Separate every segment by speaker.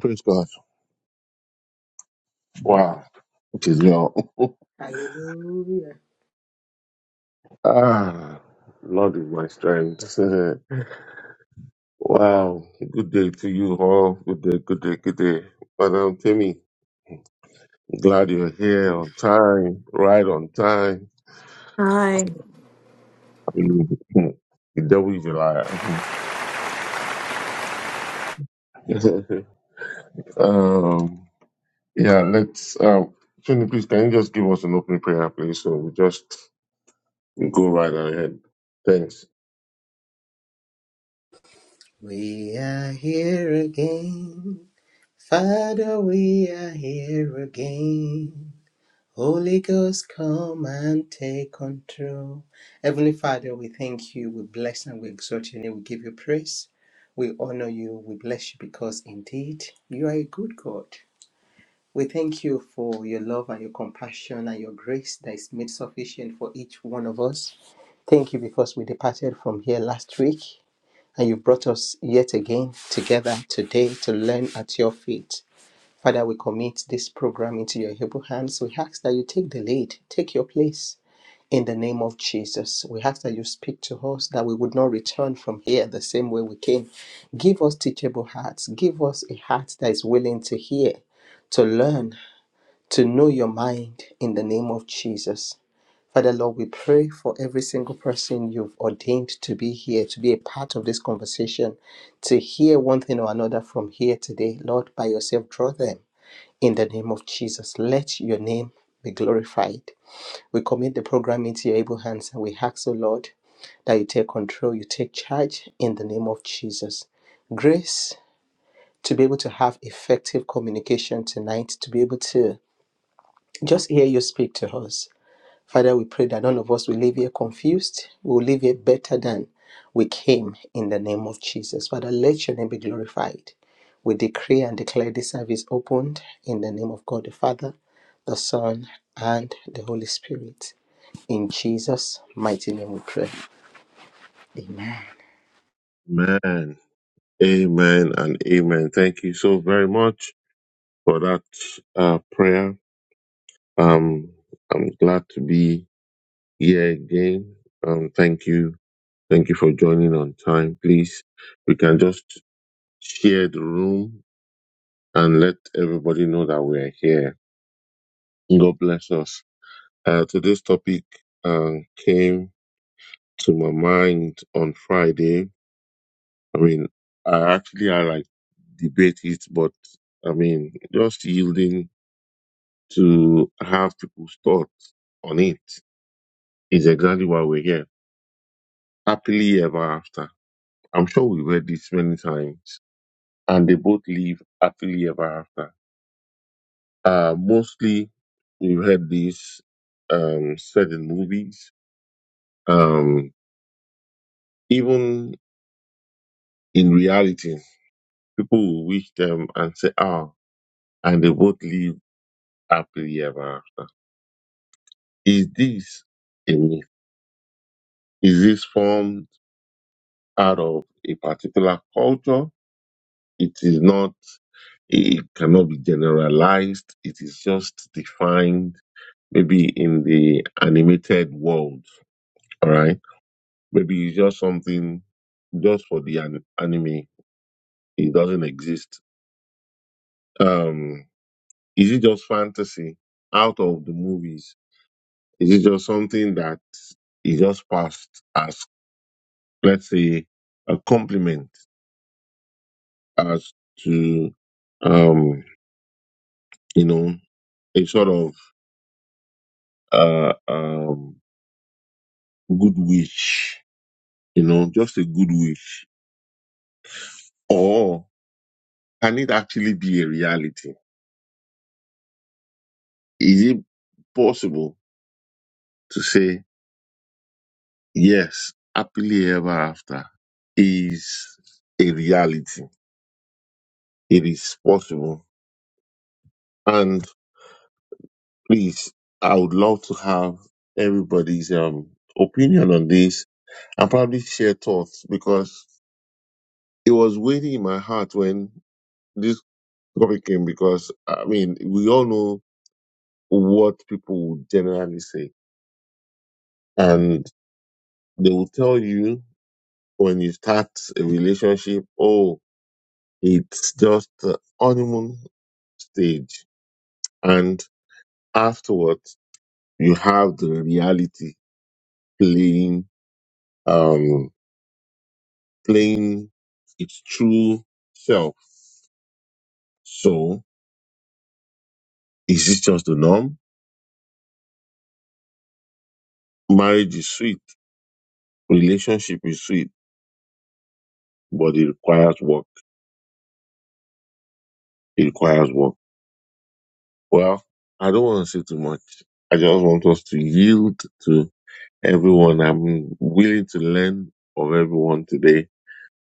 Speaker 1: Praise God. Wow. It is now.
Speaker 2: Hallelujah.
Speaker 1: ah, Lord is my strength. wow. Good day to you all. Good day, good day, good day. Madam Timmy, glad you're here on time, right on time.
Speaker 3: Hi.
Speaker 1: the devil is a liar. um, yeah, let's, um, Tony, please, can you just give us an opening prayer, please? So we just go right ahead. Thanks.
Speaker 2: We are here again. Father, we are here again. Holy Ghost, come and take control. Heavenly Father, we thank you, we bless and we exalt your name, we give you praise, we honor you, we bless you because indeed you are a good God. We thank you for your love and your compassion and your grace that is made sufficient for each one of us. Thank you because we departed from here last week and you've brought us yet again together today to learn at your feet. Father, we commit this program into your able hands. We ask that you take the lead, take your place in the name of Jesus. We ask that you speak to us, that we would not return from here the same way we came. Give us teachable hearts. Give us a heart that is willing to hear, to learn, to know your mind in the name of Jesus. Father Lord, we pray for every single person you've ordained to be here, to be a part of this conversation, to hear one thing or another from here today. Lord, by yourself, draw them in the name of Jesus. Let your name be glorified. We commit the program into your able hands and we ask, O Lord, that you take control, you take charge in the name of Jesus. Grace to be able to have effective communication tonight, to be able to just hear you speak to us. Father, we pray that none of us will leave here confused. We will leave here better than we came in the name of Jesus. Father, let your name be glorified. We decree and declare this service opened in the name of God the Father, the Son, and the Holy Spirit. In Jesus' mighty name we pray. Amen.
Speaker 1: man. Amen and amen. Thank you so very much. for that uh, prayer. Um, I'm glad to be here again. Um, thank you. Thank you for joining on time. Please, we can just share the room and let everybody know that we are here. God bless us. Uh, today's topic uh, came to my mind on Friday. I mean, I actually I like debate it, but I mean, just yielding to have people's thoughts on it is exactly why we're here. Happily ever after. I'm sure we read this many times. And they both live happily ever after. Uh, mostly we've heard this um, said in movies. Um, even in reality, people will wish them and say, ah, and they both live happily ever after. Is this a myth? Is this formed out of a particular culture? It is not, it cannot be generalized. It is just defined maybe in the animated world. All right. Maybe it's just something just for the an- anime. It doesn't exist. Um, is it just fantasy out of the movies? Is it just something that is just passed as, let's say, a compliment as to, um, you know, a sort of, uh, um, good wish, you know, just a good wish? Or can it actually be a reality? Is it possible to say, yes, happily ever after is a reality? It is possible. And please, I would love to have everybody's um, opinion on this and probably share thoughts because it was waiting in my heart when this topic came because, I mean, we all know what people would generally say. And they will tell you when you start a relationship, oh, it's just the honeymoon stage. And afterwards, you have the reality playing, um, playing its true self. So is this just the norm? Marriage is sweet. Relationship is sweet, but it requires work. It requires work Well, I don't want to say too much. I just want us to yield to everyone. I'm willing to learn of everyone today.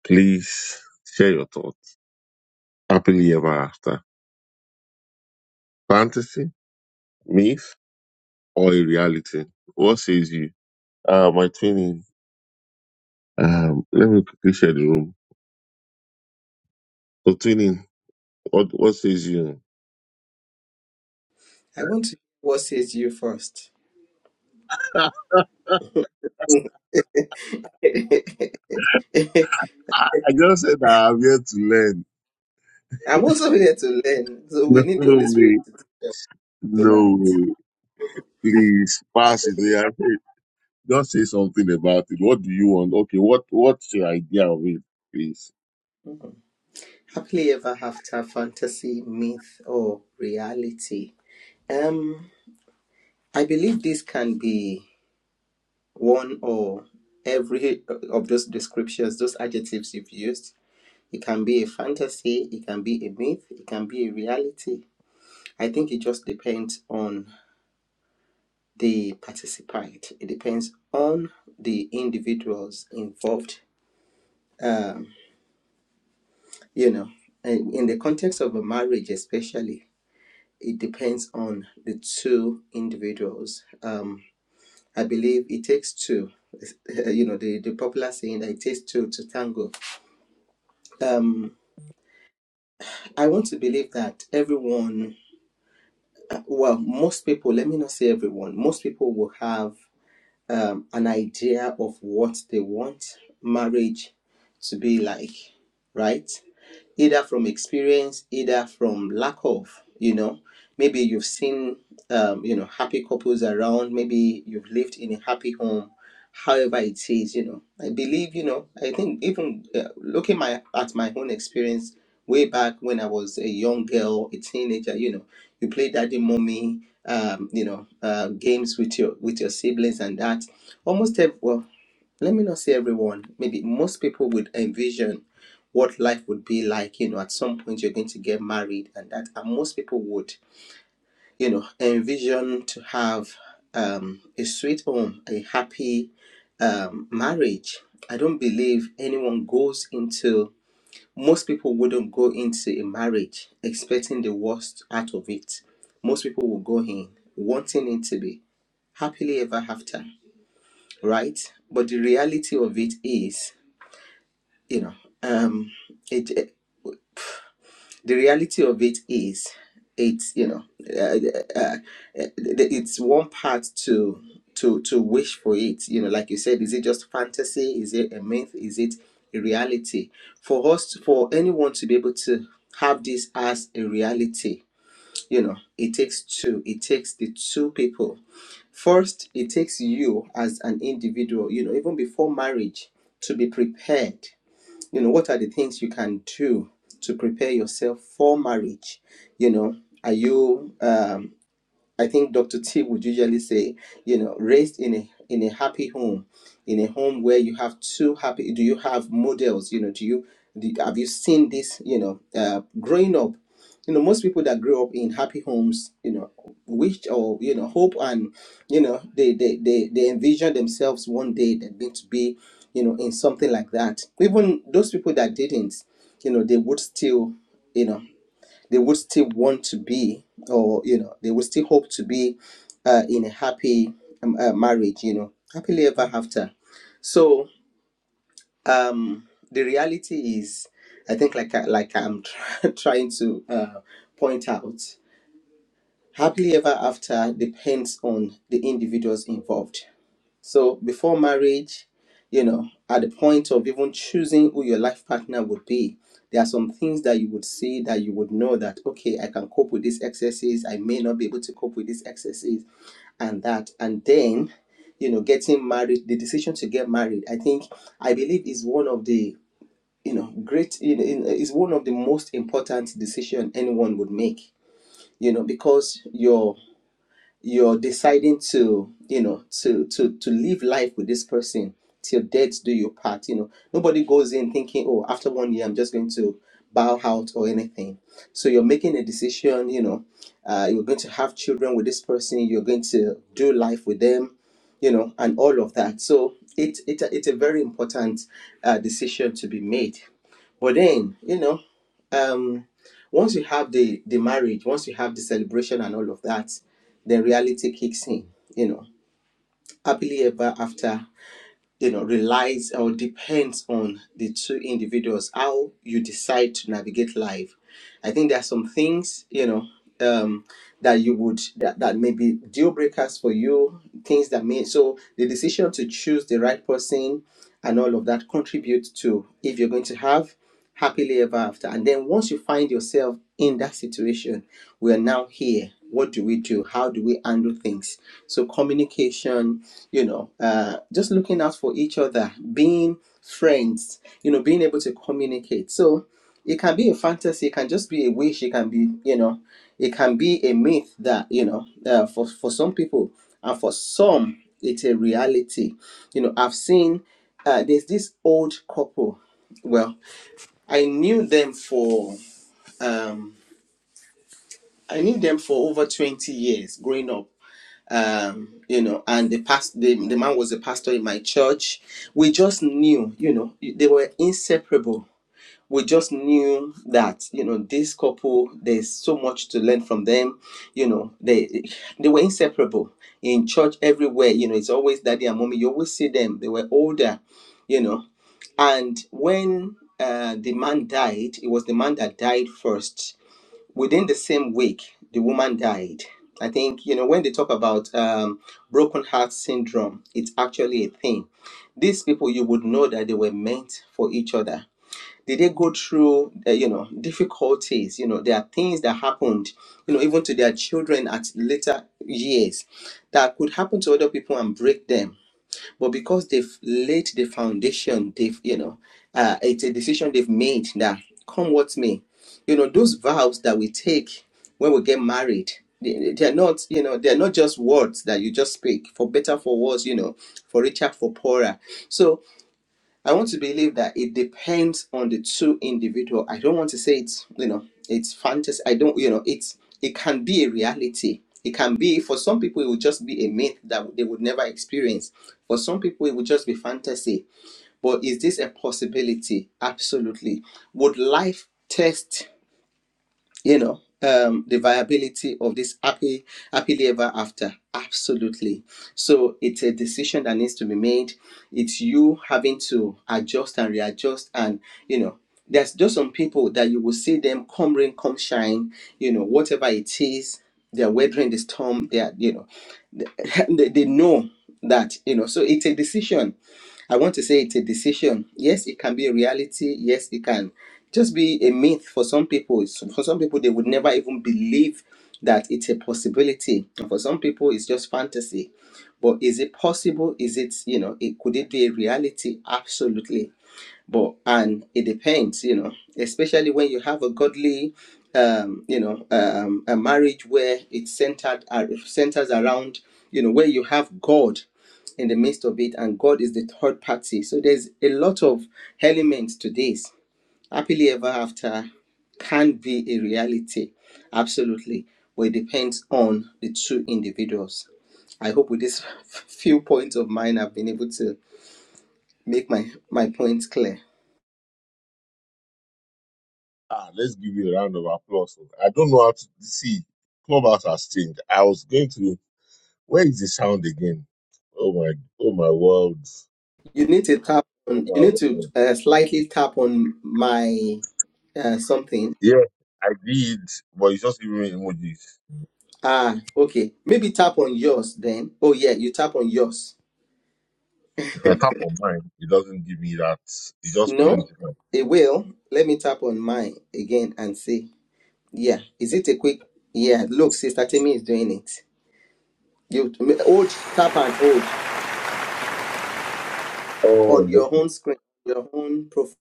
Speaker 1: Please share your thoughts. Happily ever after. Fantasy, myth, or a reality? What says you? Uh, my twinning. Um, let me quickly share the room. So twinning, what, what says you?
Speaker 2: I want to hear what says you first.
Speaker 1: I just said that I'm here to learn.
Speaker 2: I'm also here to learn, so we need the Holy
Speaker 1: No
Speaker 2: Spirit
Speaker 1: way. No
Speaker 2: tonight.
Speaker 1: way. Please pass
Speaker 2: Actually.
Speaker 1: it. Just say something about it. What do you want? Okay, what what's your idea of it, please?
Speaker 2: Happily ever after fantasy, myth, or reality. Um, I believe this can be one or every uh, of those descriptions, those adjectives you've used. It can be a fantasy, it can be a myth, it can be a reality. I think it just depends on the participant, it depends on the individuals involved. Um, you know, in in the context of a marriage, especially it depends on the two individuals. Um, I believe it takes two. You know, the, the popular saying that it takes two to tango. Um, I want to believe that everyone, uh, well, most people, let me not say everyone, most people will have um, an idea of what they want marriage to be like, right? Either from experience, either from lack of, you know. Maybe you've seen, um, you know, happy couples around. Maybe you've lived in a happy home however it is you know i believe you know i think even uh, looking my at my own experience way back when i was a young girl a teenager you know you play daddy mommy um you know uh, games with your with your siblings and that almost every, well let me not say everyone maybe most people would envision what life would be like you know at some point you're going to get married and that and most people would you know, envision to have um, a sweet home, a happy um, marriage. I don't believe anyone goes into, most people wouldn't go into a marriage expecting the worst out of it. Most people will go in wanting it to be happily ever after, right? But the reality of it is, you know, um, it. the reality of it is it's you know uh, uh, it's one part to to to wish for it you know like you said is it just fantasy is it a myth is it a reality for us for anyone to be able to have this as a reality you know it takes two it takes the two people first it takes you as an individual you know even before marriage to be prepared you know what are the things you can do to prepare yourself for marriage you know are you um I think Dr. T would usually say, you know, raised in a in a happy home, in a home where you have two happy. Do you have models? You know, do you do, have you seen this? You know, uh, growing up, you know, most people that grow up in happy homes, you know, wish or you know hope and you know they they they, they envision themselves one day they're going to be, you know, in something like that. Even those people that didn't, you know, they would still. You know, they would still want to be or you know they would still hope to be uh, in a happy um, uh, marriage you know happily ever after so um the reality is i think like I, like i'm trying to uh, point out happily ever after depends on the individuals involved so before marriage, you know, at the point of even choosing who your life partner would be, there are some things that you would see that you would know that okay, I can cope with these excesses. I may not be able to cope with these excesses, and that, and then, you know, getting married, the decision to get married, I think, I believe, is one of the you know great in, in, is one of the most important decision anyone would make. You know, because your you're deciding to you know to to to live life with this person till death do your part you know nobody goes in thinking oh after one year i'm just going to bow out or anything so you're making a decision you know uh, you're going to have children with this person you're going to do life with them you know and all of that so it, it it's a very important uh, decision to be made but then you know um once you have the the marriage once you have the celebration and all of that then reality kicks in, you know. Happily ever after you know relies or depends on the two individuals how you decide to navigate life i think there are some things you know um that you would that, that may be deal breakers for you things that may so the decision to choose the right person and all of that contribute to if you're going to have happily ever after and then once you find yourself in that situation we are now here what do we do how do we handle things so communication you know, uh, just looking out for each other, being friends, you know, being able to communicate. So it can be a fantasy, it can just be a wish, it can be, you know, it can be a myth that, you know, uh, for, for some people and for some, it's a reality. You know, I've seen uh, there's this old couple. Well, I knew them for um, I knew them for over 20 years growing up um you know and the past the, the man was a pastor in my church we just knew you know they were inseparable we just knew that you know this couple there's so much to learn from them you know they they were inseparable in church everywhere you know it's always daddy and mommy you always see them they were older you know and when uh, the man died it was the man that died first within the same week, the woman died. I think, you know, when they talk about um, broken heart syndrome, it's actually a thing. These people, you would know that they were meant for each other. Did they go through, uh, you know, difficulties? You know, there are things that happened, you know, even to their children at later years that could happen to other people and break them but because they've laid the foundation they've you know uh, it's a decision they've made that come what may you know those vows that we take when we get married they- they're not you know they're not just words that you just speak for better for worse you know for richer for poorer so I want to believe that it depends on the two individual. I don't want to say it's you know it's fantasy. I don't you know it's it can be a reality. It can be for some people it would just be a myth that they would never experience. For some people it would just be fantasy. But is this a possibility? Absolutely. Would life test? you know um the viability of this happy happily ever after absolutely so it's a decision that needs to be made it's you having to adjust and readjust and you know there's just some people that you will see them come rain come shine you know whatever it is they're weathering the storm they are you know they, they know that you know so it's a decision I want to say it's a decision. Yes, it can be a reality. Yes, it can just be a myth for some people. It's- For some people, they would never even believe that it's a possibility. And for some people, it's just fantasy. But is it possible? Is it you know? It could it be a reality? Absolutely. But and it depends, you know, especially when you have a godly, um, you know, um, a marriage where it's centered ar- centers around, you know, where you have God in the midst of it, and God is the third party. So there's a lot of elements to this Happily ever after can be a reality, absolutely, but it depends on the two individuals. I hope with these few points of mine, I've been able to make my my points clear.
Speaker 1: Ah, let's give you a round of applause. I don't know how to see. Clubhouse has changed. I was going to. Where is the sound again? Oh my! Oh my world!
Speaker 2: You need to tap
Speaker 1: Oh
Speaker 2: on.
Speaker 1: my
Speaker 2: You need to
Speaker 1: world!
Speaker 2: uh, slightly tap on my uh, something.
Speaker 1: Yeah, I did, but it's just giving me emojis.
Speaker 2: Ah, okay. Maybe tap on yours then. Oh yeah, you tap on yours.
Speaker 1: If I tap on mine, it doesn't give me that. It just
Speaker 2: No,
Speaker 1: brings it up.
Speaker 2: it will. Let me tap on mine again and see. Yeah, is it a quick? Yeah, look, Sister Timmy is doing it. You old tap and old on
Speaker 1: Oh,
Speaker 2: your
Speaker 1: okay.
Speaker 2: own screen, your own profile.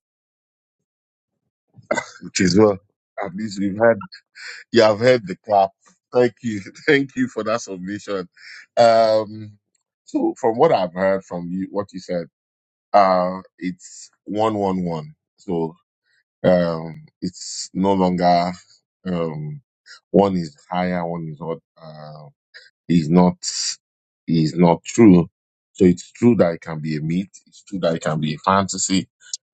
Speaker 1: Which is well. At least we've had You have heard the clap. Thank you. Thank you for that submission. Um, so from what I've heard from you, what you said, uh, it's one, one, one. So, um, it's no longer, um, one is higher, one is not, uh, is not, is not true. So it's true that it can be a myth. It's true that it can be a fantasy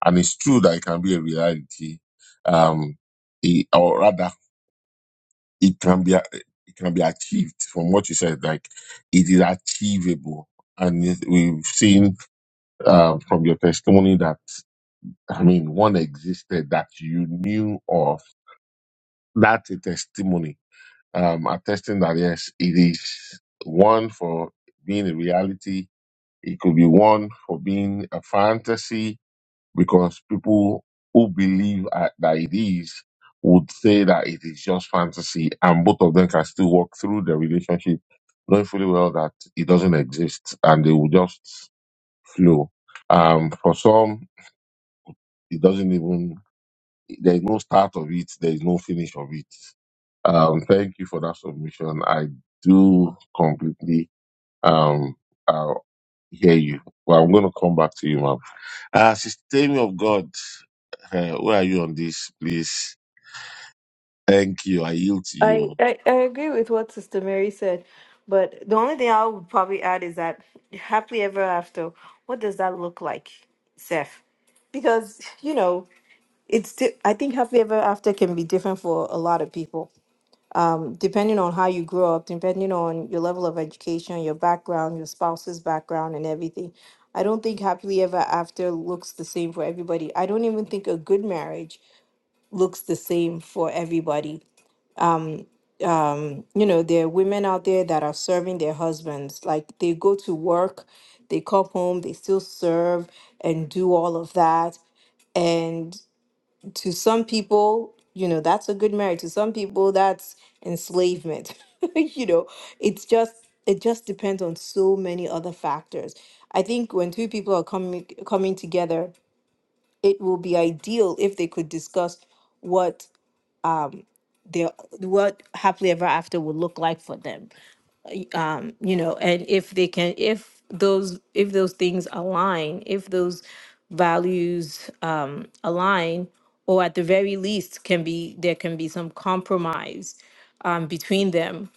Speaker 1: and it's true that it can be a reality. Um, eh, or rather it can be it can be achieved from what you said like it is achievable and it- we've seen uh, from your testimony that i mean one existed that you knew of that's a testimony um attesting that yes it is one for being a reality it could be one for being a fantasy because people who believe at- that it is would say that it is just fantasy, and both of them can still walk through the relationship knowing fully well that it doesn't exist, and they will just flow. Um, for some, it doesn't even. There is no start of it. There is no finish of it. Um, thank you for that submission. I do completely um, uh, hear you. Well, I'm going to come back to you, Marvin. Ah, Sister Tammy of God, uh, where are you on this, please? Thank you. I yield to
Speaker 3: I,
Speaker 1: you.
Speaker 3: I, I agree with what Sister Mary said, but the only thing I would probably add is that happily ever after, what does that look like, Seth? Because, you know, it's di- I think happily ever after can be different for a lot of people, um, depending on how you grow up, depending on your level of education, your background, your spouse's background, and everything. I don't think happily ever after looks the same for everybody. I don't even think a good marriage looks the same for everybody um um you know there are women out there that are serving their husbands like they go to work they come home they still serve and do all of that and to some people you know that's a good marriage to some people that's enslavement you know it's just it just depends on so many other factors i think when two people are coming coming together it will be ideal if they could discuss what um their what happily ever after would look like for them Uh, um you know and if they can if those if those things align if those values um align or at the very least can be there can be some compromise um between them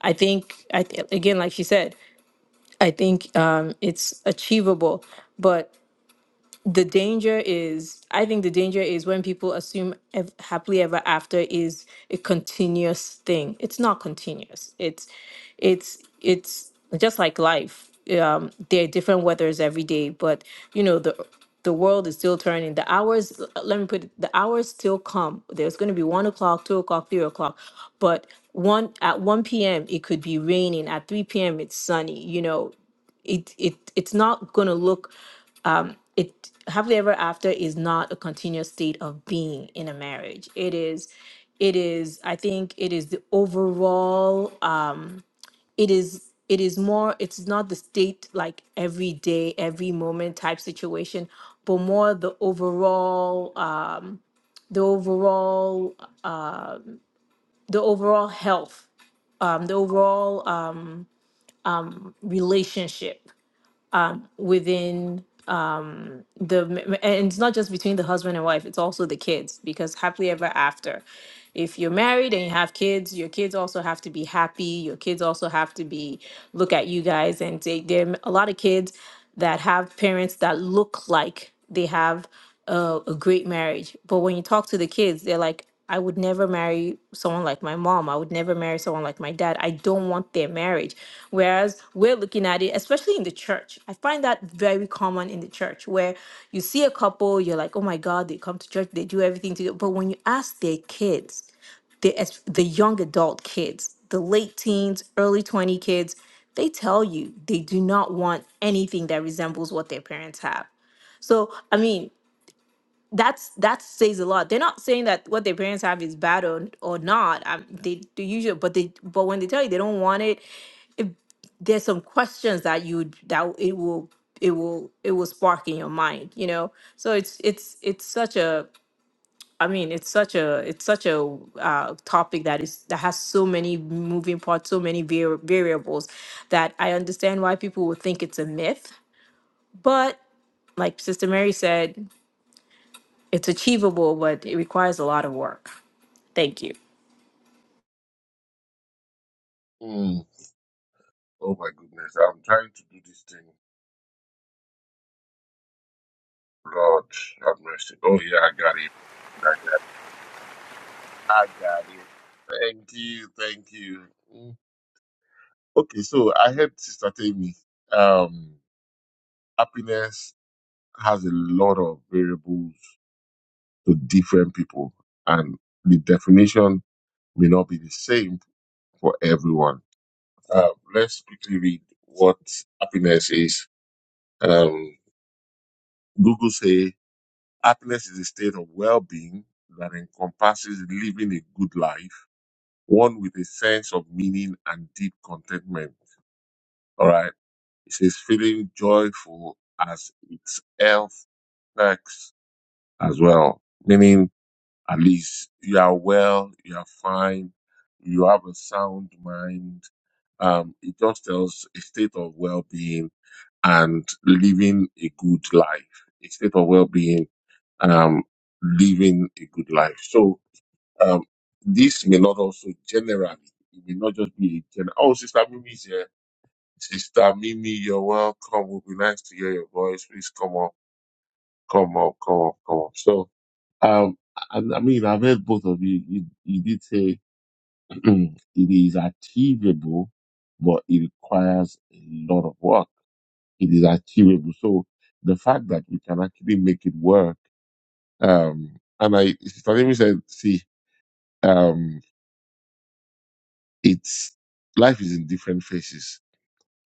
Speaker 3: i think i th- again like she said i think um it's achievable but the danger is i think the danger is when people assume ev- happily ever after is a continuous thing it's not continuous it's it's it's just like life um there are different weathers every day but you know the the world is still turning the hours l- let me put it, the hours still come there's going to be one o'clock two o'clock three o'clock but one at 1 p.m it could be raining at 3 p.m it's sunny you know it it it's not going to look it happily ever after is not a continuous state of being in a marriage it is it is i think it is the overall uh it is it is more it's not the state like every day every moment type situation but more the overall um the overall the overall health um the overall um relationship within the m- and it's not just between the husband and wife it's also the kids because happily ever after if you're married and you have kids your kids also have to be happy your kids also have to be look at you guys and they, there are a lot of kids that have parents that look like they have a, a great marriage. But when you talk to the kids, they're like, I would never marry someone like my mom. I would never marry someone like my dad. I don't want their marriage. Whereas we're looking at it, especially in the church. I find that very common in the church where you see a couple, you're like, oh my God, they come to church, they do everything together. But when you ask their kids, the, es- the young adult kids, the late teens, early 20 kids, they tell you they do not want anything that resembles what their parents have. So, I mean, that's that says a lot. They're not saying that what their parents have is bad or or not. Um, they do usually, but they but when they tell you they don't want it, there's some questions that you would- that it will it will it will spark in your mind, you know. So it's it's it's such a I mean it's such a it's such a uh, topic that is that has so many moving parts, so many vari- variables that I understand why people would think it's a myth, but like Sister Mary said, it's achievable, but it requires a lot of work. Thank you.
Speaker 1: Mm. Oh my goodness, I'm trying to do this thing. Lord, have mercy. Oh yeah, I got it. I got it. I got it. Thank you, thank you. Mm. Okay, so I heard Sister Tammy. Um, happiness has a lot of variables to different people, and the definition may not be the same for everyone. Uh, let's quickly read what happiness is. Um, Google say happiness is a state of well-being that encompasses living a good life, one with a sense of meaning and deep contentment. All right. It says feeling joyful as its health perks as well. Meaning, at least you are well, you are fine, you have a sound mind. Um, it just tells a state of well-being and living a good life, a state of well-being, um, living a good life. So um, this may not also generally, it may not just be a general. Oh, Sister Mimi is here. Sister Mimi, you're welcome. It would be nice to hear your voice. Please come up, come up, come up, come up. So um, I, I mean, I've heard both of you. You, you did say it is achievable, but it requires a lot of work it is achievable. So the fact that we can actually make it work, um, and I, Sister Amy said, see, um, it's life is in different phases.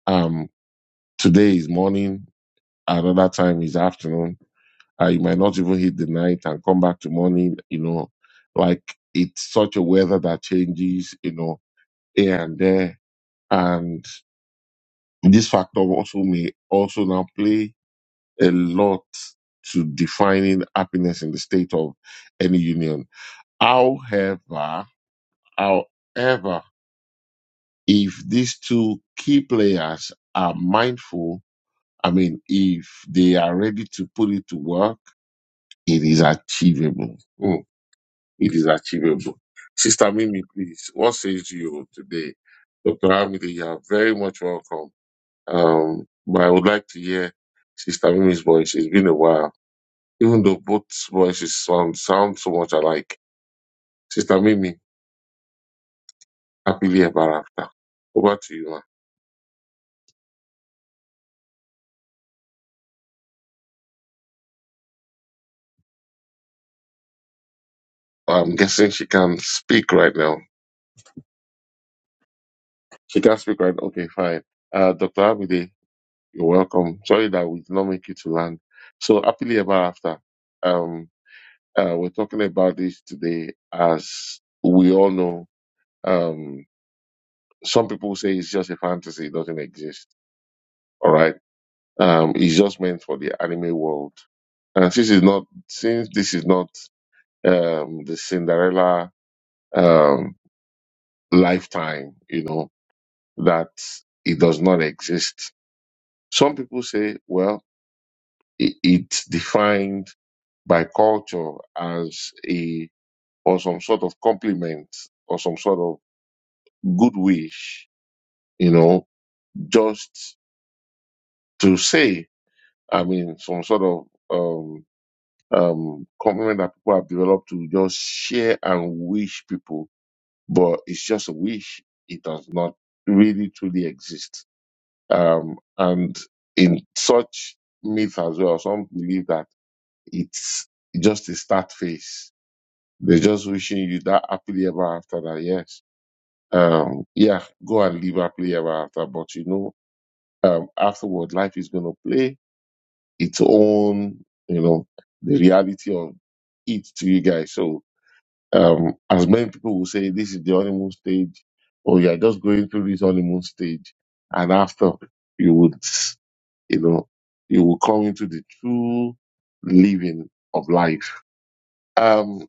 Speaker 1: Um, today is morning, another time is afternoon. Uh, you might not even hit the night and come back to morning. You know, like it's such a weather that changes. You know, here and there, and this factor also may also now play a lot to defining happiness in the state of any union. However, however, if these two key players are mindful, I mean, if they are ready to put it to work, it is achievable. Mm, it is achievable. Sister Mimi, please, what says you today? Dr. Hamidi, you are very much welcome. Um, but I would like to hear Sister Mimi's voice. It's been a while. even though both voices sound, sound so much alike. Sister Mimi, happily ever after. Over to you, ma. I'm guessing she can speak right now. She can speak right Okay, fine. Uh, Dr. Abide, you're welcome. Sorry that we did not make you to land. So, happily ever after. Um, uh, we're talking about this today. As we all know, um, some people say it's just a fantasy, it doesn't exist. All right Um, it's just meant for the anime world. And since it's not, since this is not um, the Cinderella um, lifetime, you know that it does not exist. Some people say, well, it, it's defined by culture as a or some sort of compliment or some sort of good wish, you know, just to say. I mean, some sort of um, um, commitment that people have developed to just share and wish people, but it's just a wish. It does not really truly exist. Um, and in such myth as well, some believe that it's just a start phase. They're just wishing you that happily ever after that, yes. Um, yeah, go and live happily ever after, but you know, um, afterward, life is going to play its own, you know, the reality of it to you guys. So, Um, as many people will say, this is the honeymoon stage, or you are just going through this honeymoon stage, and after you would, you know, you will come into the true living of life. Um,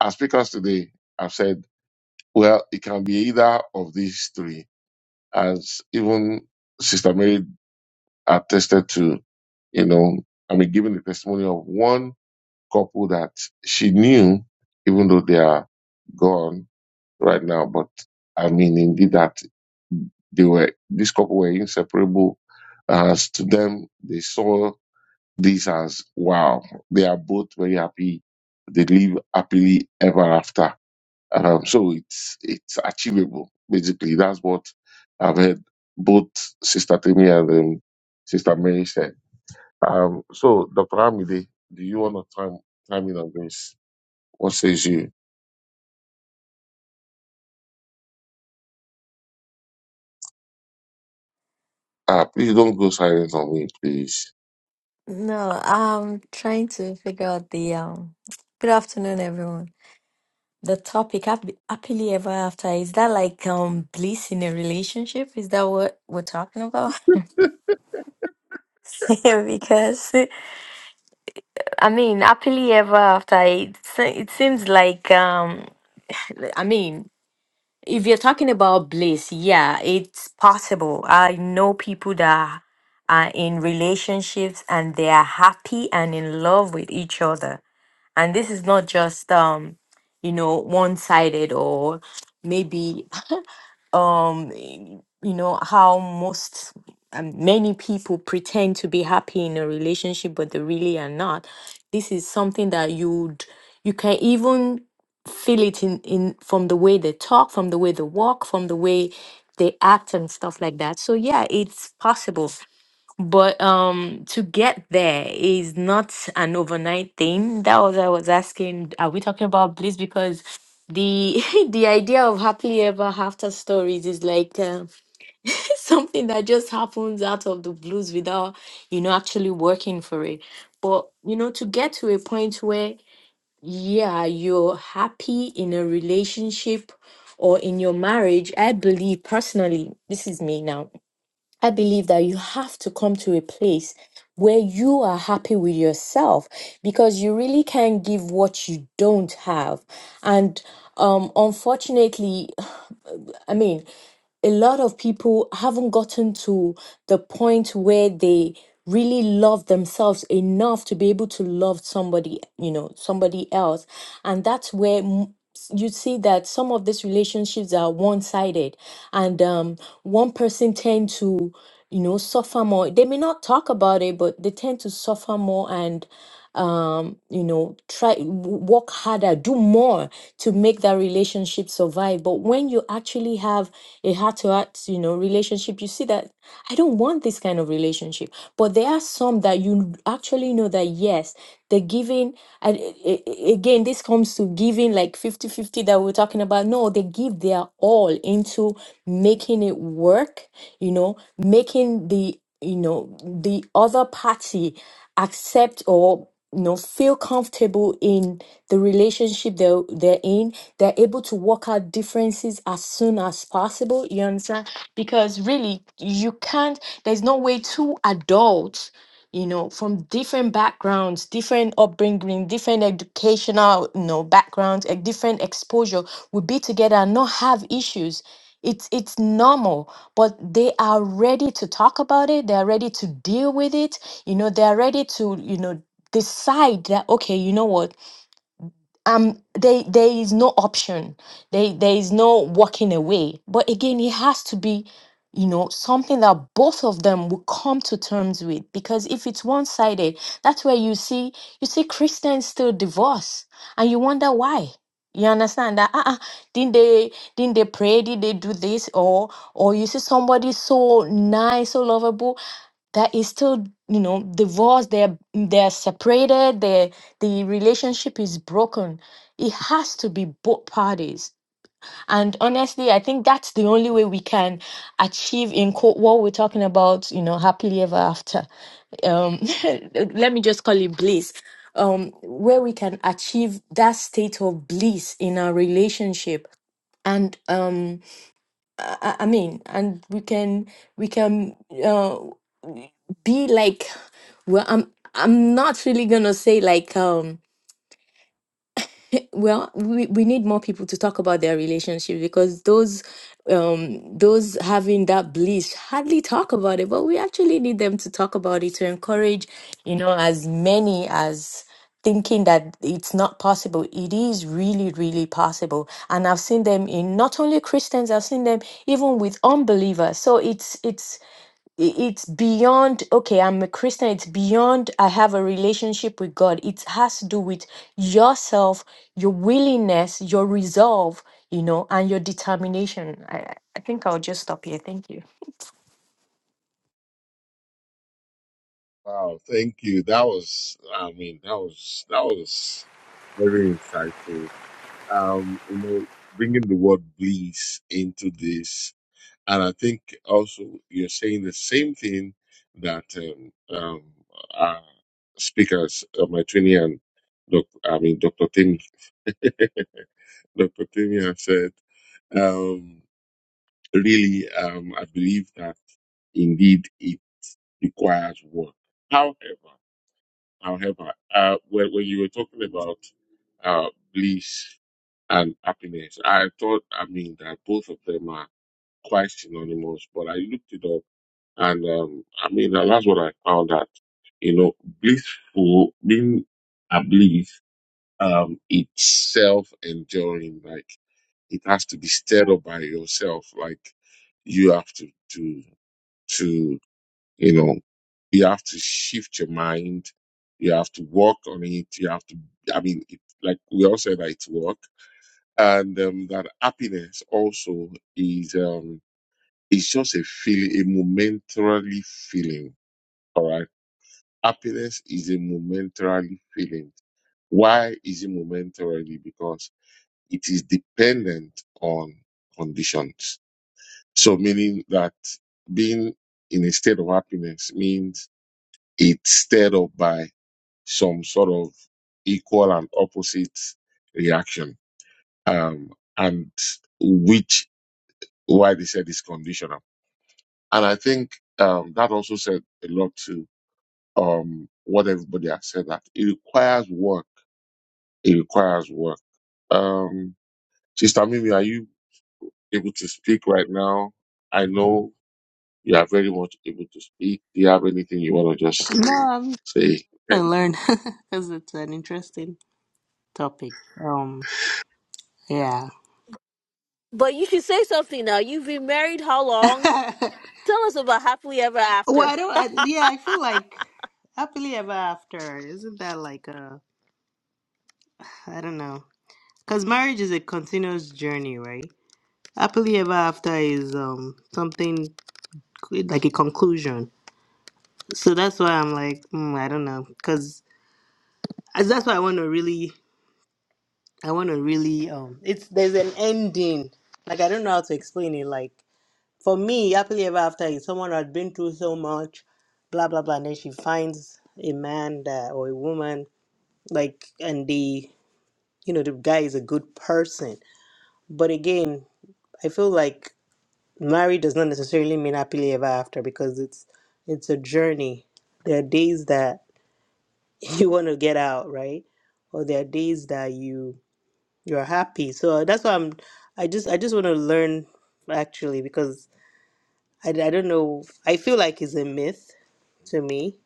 Speaker 1: our speakers today have said, well, it can be either of these three, as even Sister Mary attested to, you know, I mean, giving the testimony of one couple that she knew, even though they are gone, right now, but I mean, indeed, that they were, this couple were inseparable. As to them, they saw this as wow, they are both very happy. They live happily ever after. Um, so it's, it's achievable. Basically, that's what I've heard both Sister Timmy and um, Sister Mary said. Um, so Dr. Amide, do you want to time, time in on this? What says you? Ah, please don't go silent on me, please.
Speaker 4: No, I'm trying to figure out the um good afternoon everyone. The topic hap- happily ever after is that like um bliss in a relationship? Is that what we're talking about? Because I mean, happily ever after it se- it seems like um I mean, if you're talking about bliss, yeah, it's possible. I know people that are in relationships and they are happy and in love with each other and this is not just um you know one-sided or maybe um y- you know how most um, many people pretend to be happy in a relationship but they really are not this is something that you'd you can even feel it in in from the way they talk from the way they walk from the way they act and stuff like that so yeah it's possible but um to get there is not an overnight thing. That was I was asking, are we talking about bliss? Because the the idea of happily ever after stories is like uh, something that just happens out of the blues without you know actually working for it. But you know, to get to a point where yeah, you're happy in a relationship or in your marriage, I believe personally, this is me now I believe that you have to come to a place where you are happy with yourself because you really can't give what you don't have. And um, unfortunately, I mean, a lot of people haven't gotten to the point where they really love themselves enough to be able to love somebody, you know, somebody else. And that's where m- s- you see that some of these relationships are one-sided and um, one person tend to, you know, suffer more. They may not talk about it, but they tend to suffer more and um you know try w- work harder do more to make that relationship survive but when you actually have a heart to heart you know relationship you see that i don't want this kind of relationship but there are some that you actually know that yes the giving and a- a- again this comes to giving like 50 50 that we're talking about no they give their all into making it work you know making the you know the other party accept or you know feel comfortable in the relationship they're, they're in they're able to work out differences as soon as possible you understand because really you can't there's no way two adults you know from different backgrounds different upbringing different educational you know backgrounds a different exposure would be together and not have issues it's it's normal but they are ready to talk about it they're ready to deal with it you know they're ready to you know decide that okay you know what um they there is no option they there is no walking away but again it has to be you know something that both of them will come to terms with because if it's one-sided that's where you see you see christians still divorce and you wonder why you understand that uh-uh, didn't they didn't they pray did they do this or or you see somebody so nice so lovable that is still you know divorced they're they're separated their the relationship is broken it has to be both parties and honestly i think that's the only way we can achieve in quote what we're talking about you know happily ever after um let me just call it bliss um where we can achieve that state of bliss in our relationship and um I, I I mean, and we can we can uh, be like, well, I'm I'm not really gonna say like um well, we, we need more people to talk about their relationship because those um those having that bliss hardly talk about it, but we actually need them to talk about it to encourage, you know, as many as thinking that it's not possible. It is really, really possible. And I've seen them in not only Christians, I've seen them even with unbelievers. So it's it's i- it's beyond okay i'm a christian it's beyond i have a relationship with god it has to do with yourself your willingness your resolve you know and your determination i i I think i'll just stop here thank you
Speaker 1: Wow, thank you. That was, I mean, that was that was very insightful. Um, you know, bringing the word bliss into this, and I think also you're saying the same thing that um, um, our speakers, uh, my trainee and doc, I mean, Dr. Tim, Dr. Tim has said. Um, really, um, I believe that indeed it requires work. However. However, Uh, when, when you were talking about uh, bliss and happiness, I thought, I mean, that both of them are quite synonymous, but I looked it up and um, I mean, and that's what I found that, you know, blissful, being a bliss, um, it's self enduring. Like, it has to be stirred up by yourself. Like, you have to, to, to, you know, you have to shift your mind. You have to work on it. You have to, I mean, it, like we all said, that it's work. And um, that happiness also is, um, it's just a feeling, a momentarily feeling. All right. Happiness is a momentarily feeling. Why is it momentarily? Because it is dependent on conditions. So meaning that being in a state of happiness means it's stirred up by some sort of equal and opposite reaction, um, and which why they said is conditional. And I think um, that also said a lot to um, what everybody has said that it requires work. It requires work. Um, Sister Mimi, are you able to speak right now? I know you are very much able to speak. Do you have anything you want to just
Speaker 5: No, I'm
Speaker 1: say? Thank
Speaker 5: gonna learn
Speaker 1: you.
Speaker 5: because it's an interesting topic. Um, yeah.
Speaker 3: But you should say something now. You've been married how
Speaker 5: well,
Speaker 3: long?
Speaker 5: I
Speaker 3: Tell us about happily ever after.
Speaker 5: don't. I, yeah, I feel like happily ever after. Isn't that like a? I don't know. Because marriage is a continuous journey, right? Happily ever after is um something like a conclusion. So that's why I'm like, mm, I don't know, because that's why I want to really, I want to really um, it's there's an ending. Like I don't know how to explain it. Like. for me, happily ever after is someone who had been through so much, blah blah blah, and then she finds a man that, or a woman like, and the you know the guy is a good person. But again, I feel like married does not necessarily mean happily ever after because it's it's a journey. There are days that you want to get out, right? Or there are days that you you're happy. So uh, that's why I'm. I just I just want to learn actually because I, I don't know. I feel like it's a myth to me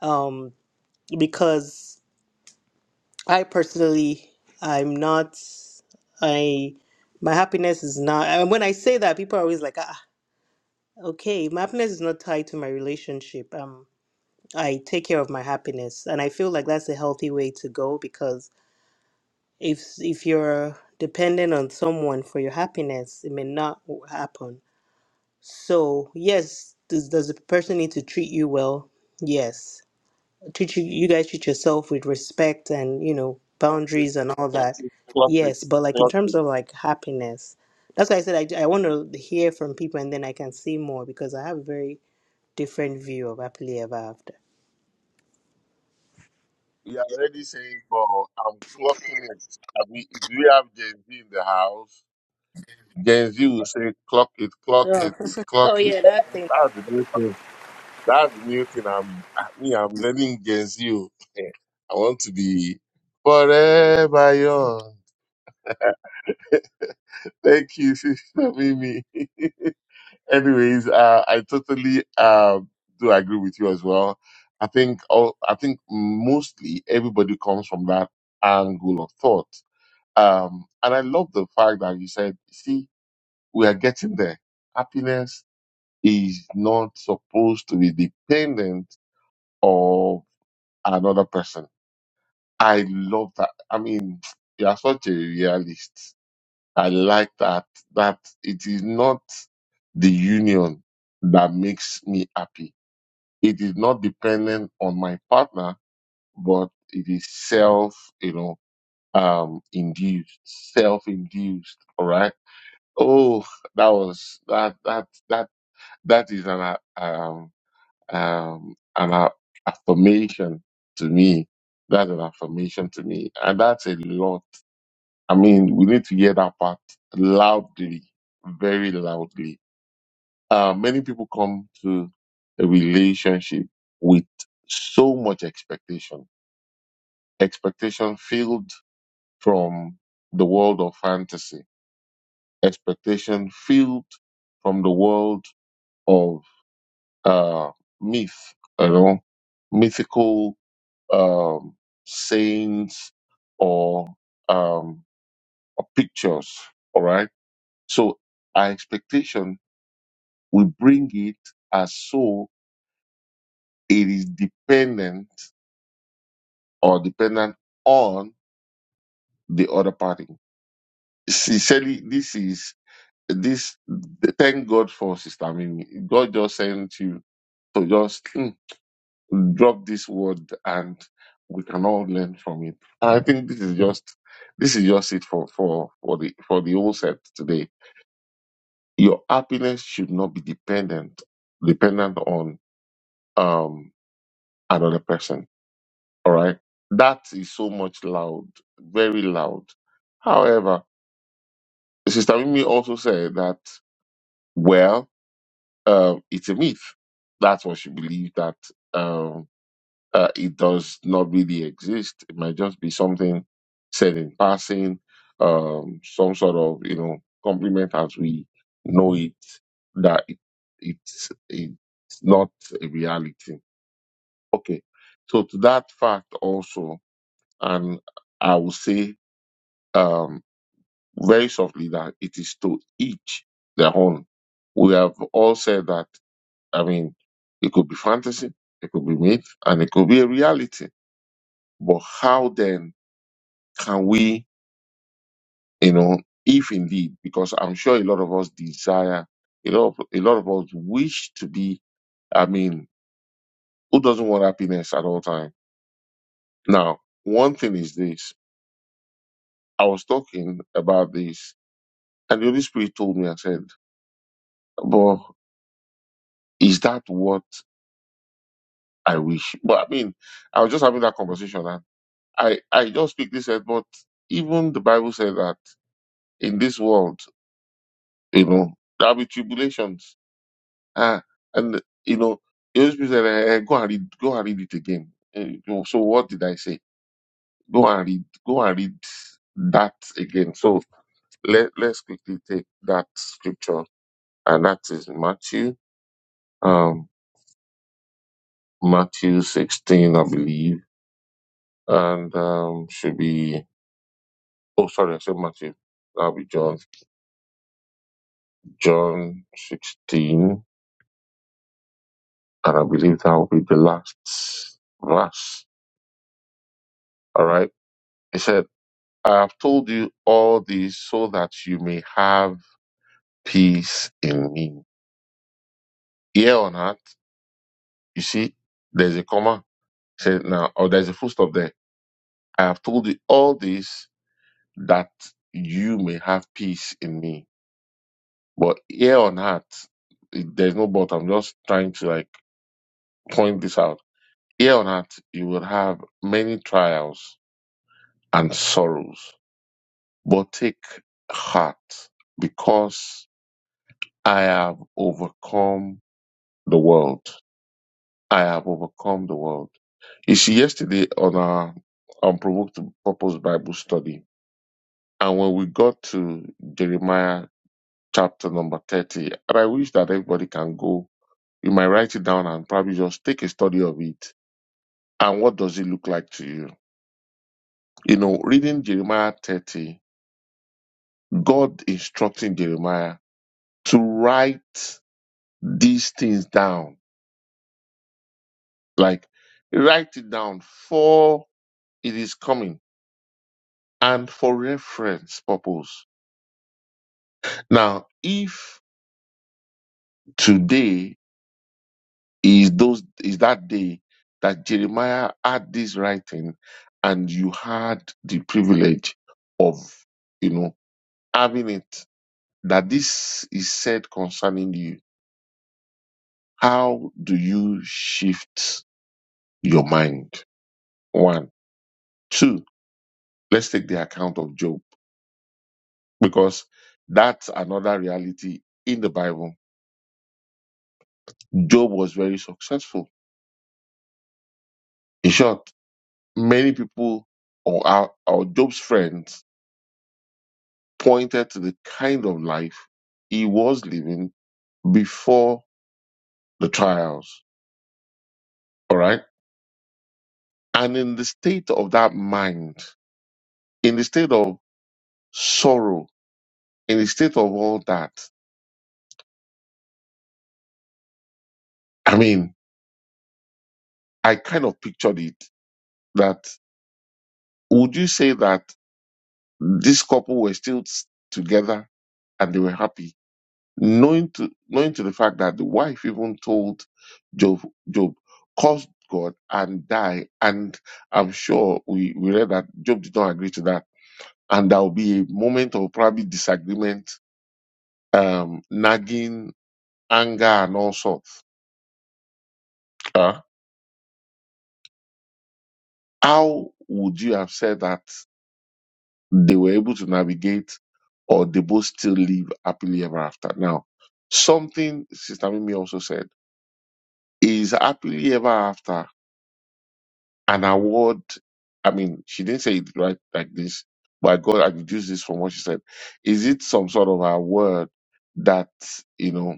Speaker 5: um, because I personally I'm not I my happiness is not and when I say that people are always like ah okay my happiness is not tied to my relationship um I take care of my happiness and I feel like that's a healthy way to go because if if you're dependent on someone for your happiness it may not happen so yes does, does the person need to treat you well yes Teach you you guys treat yourself with respect and you know boundaries and all
Speaker 1: Clock
Speaker 5: that
Speaker 1: it, clock it,
Speaker 5: yes but like in
Speaker 1: clock it.
Speaker 5: terms of like happiness that's why i said i, I want to hear from people and then i can see more because i have a very different view of happily ever after
Speaker 1: You are already saying, but I'm clocking it." I mean, do you have Gen Z in the house? Gen Z will say, "Clock it, clock
Speaker 5: Oh,
Speaker 1: it,
Speaker 5: oh
Speaker 1: clock it."
Speaker 5: yeah, that thing.
Speaker 1: That's the new thing. That's the new thing. I'm I, me. I'm learning Gen Z. o. i am learning general I want to be forever young. Thank you, sister Mimi. Anyways, uh, I totally uh, do agree with you as well. I think all, I think mostly everybody comes from that angle of thought Um, and I love the fact that you said, see, we are getting there. Happiness is not supposed to be dependent of another person. I love that. I mean, you are such a realist. I like that, that it is not the union that makes me happy. It is not dependent on my partner, but it is self, you know, um, induced, self induced. All right Oh, that was that that that that is an uh, um um an uh, affirmation to me. That's an affirmation to me, and that's a lot. I mean, we need to hear that part loudly, very loudly. Uh, many people come to a relationship with so much expectation, expectation filled from the world of fantasy, expectation filled from the world of uh, myth, you know, mythical um, sayings or, um, or pictures. All right. So our expectation, we bring it as so it is dependent or dependent on the other party. Sincerely, this is this. Thank God for Sister Mimi. God just sent you to just. hmm, drop this word and we can all learn from it. I think this is just this is just it for for for the for the whole set today. Your happiness should not be dependent dependent on um another person. All right, that is so much loud, very loud. However, Sister Mimi also said that well, uh, it's a myth. That's what she believed that. Um, uh, it does not really exist. It might just be something said in passing, um, some sort of you know compliment as we know it that it, it's it's not a reality. Okay, so to that fact also, and I will say um, very softly that it is to each their own. We have all said that. I mean, it could be fantasy, it could be myth, and it could be a reality But how then can we, you know, if indeed, because I'm sure a lot of us desire, a lot of, a lot of us wish to be, I mean, who doesn't want happiness at all time? Now, one thing is this. I was talking about this and the Holy Spirit told me, I said, but is that what I wish? But I mean, I was just having that conversation and I, I just quickly said, but even the Bible said that in this world, you know, there'll be tribulations Ah, and you know, it always said, like, eh, go and read, go and read it again. Eh, you know, so what did I say? Go and read, go and read that again. So let let's quickly take that scripture, and that is Matthew, um, Matthew sixteen, I believe, and um, should be. Oh, sorry, I said Matthew. That'll be John, John sixteen, and I believe that will be the last verse. All right. He said. I have told you all this so that you may have peace in me. Here on earth, you see, there's a comma said now, or there's a full stop there. I have told you all this that you may have peace in me. But here on earth, it- there's no but. I'm just trying to like point this out. Here on earth, you will have many trials and sorrows, but take heart because I have overcome the world. I have overcome the world. You see, yesterday on our Unprovoked Purpose Bible study, and when we got to Jeremiah chapter number 30, and I wish that everybody can go, you might write it down and probably just take a study of it. And what does it look like to you? You know, reading Jeremiah 30, God instructing Jeremiah to write these things down, like write it down for it is coming and for reference purpose. Now, if today is those is that day that Jeremiah had this writing and you had the privilege of you know having it that this is said concerning you, how do you shift your mind? One. Two, let's take the account of Job because that's another reality in the Bible. Job was very successful. In short, many people or our, our Job's friends pointed to the kind of life he was living before the trials. All right. And in the state of that mind, in the state of sorrow, in the state of all that, I mean, I kind of pictured it that would you say that this couple were still s- together and they were happy? knowing to knowing to the fact that the wife even told Job, Job, curse God and die. And I'm sure we, we read that Job did not agree to that. And there will be a moment of probably disagreement, um, nagging, anger, and all sorts. Uh, how would you have said that they were able to navigate or they both still live happily ever after? Now, something Sister Mimi also said is happily ever after an award. I mean, she didn't say it right like this, but I got I deduced this from what she said. Is it some sort of award that you know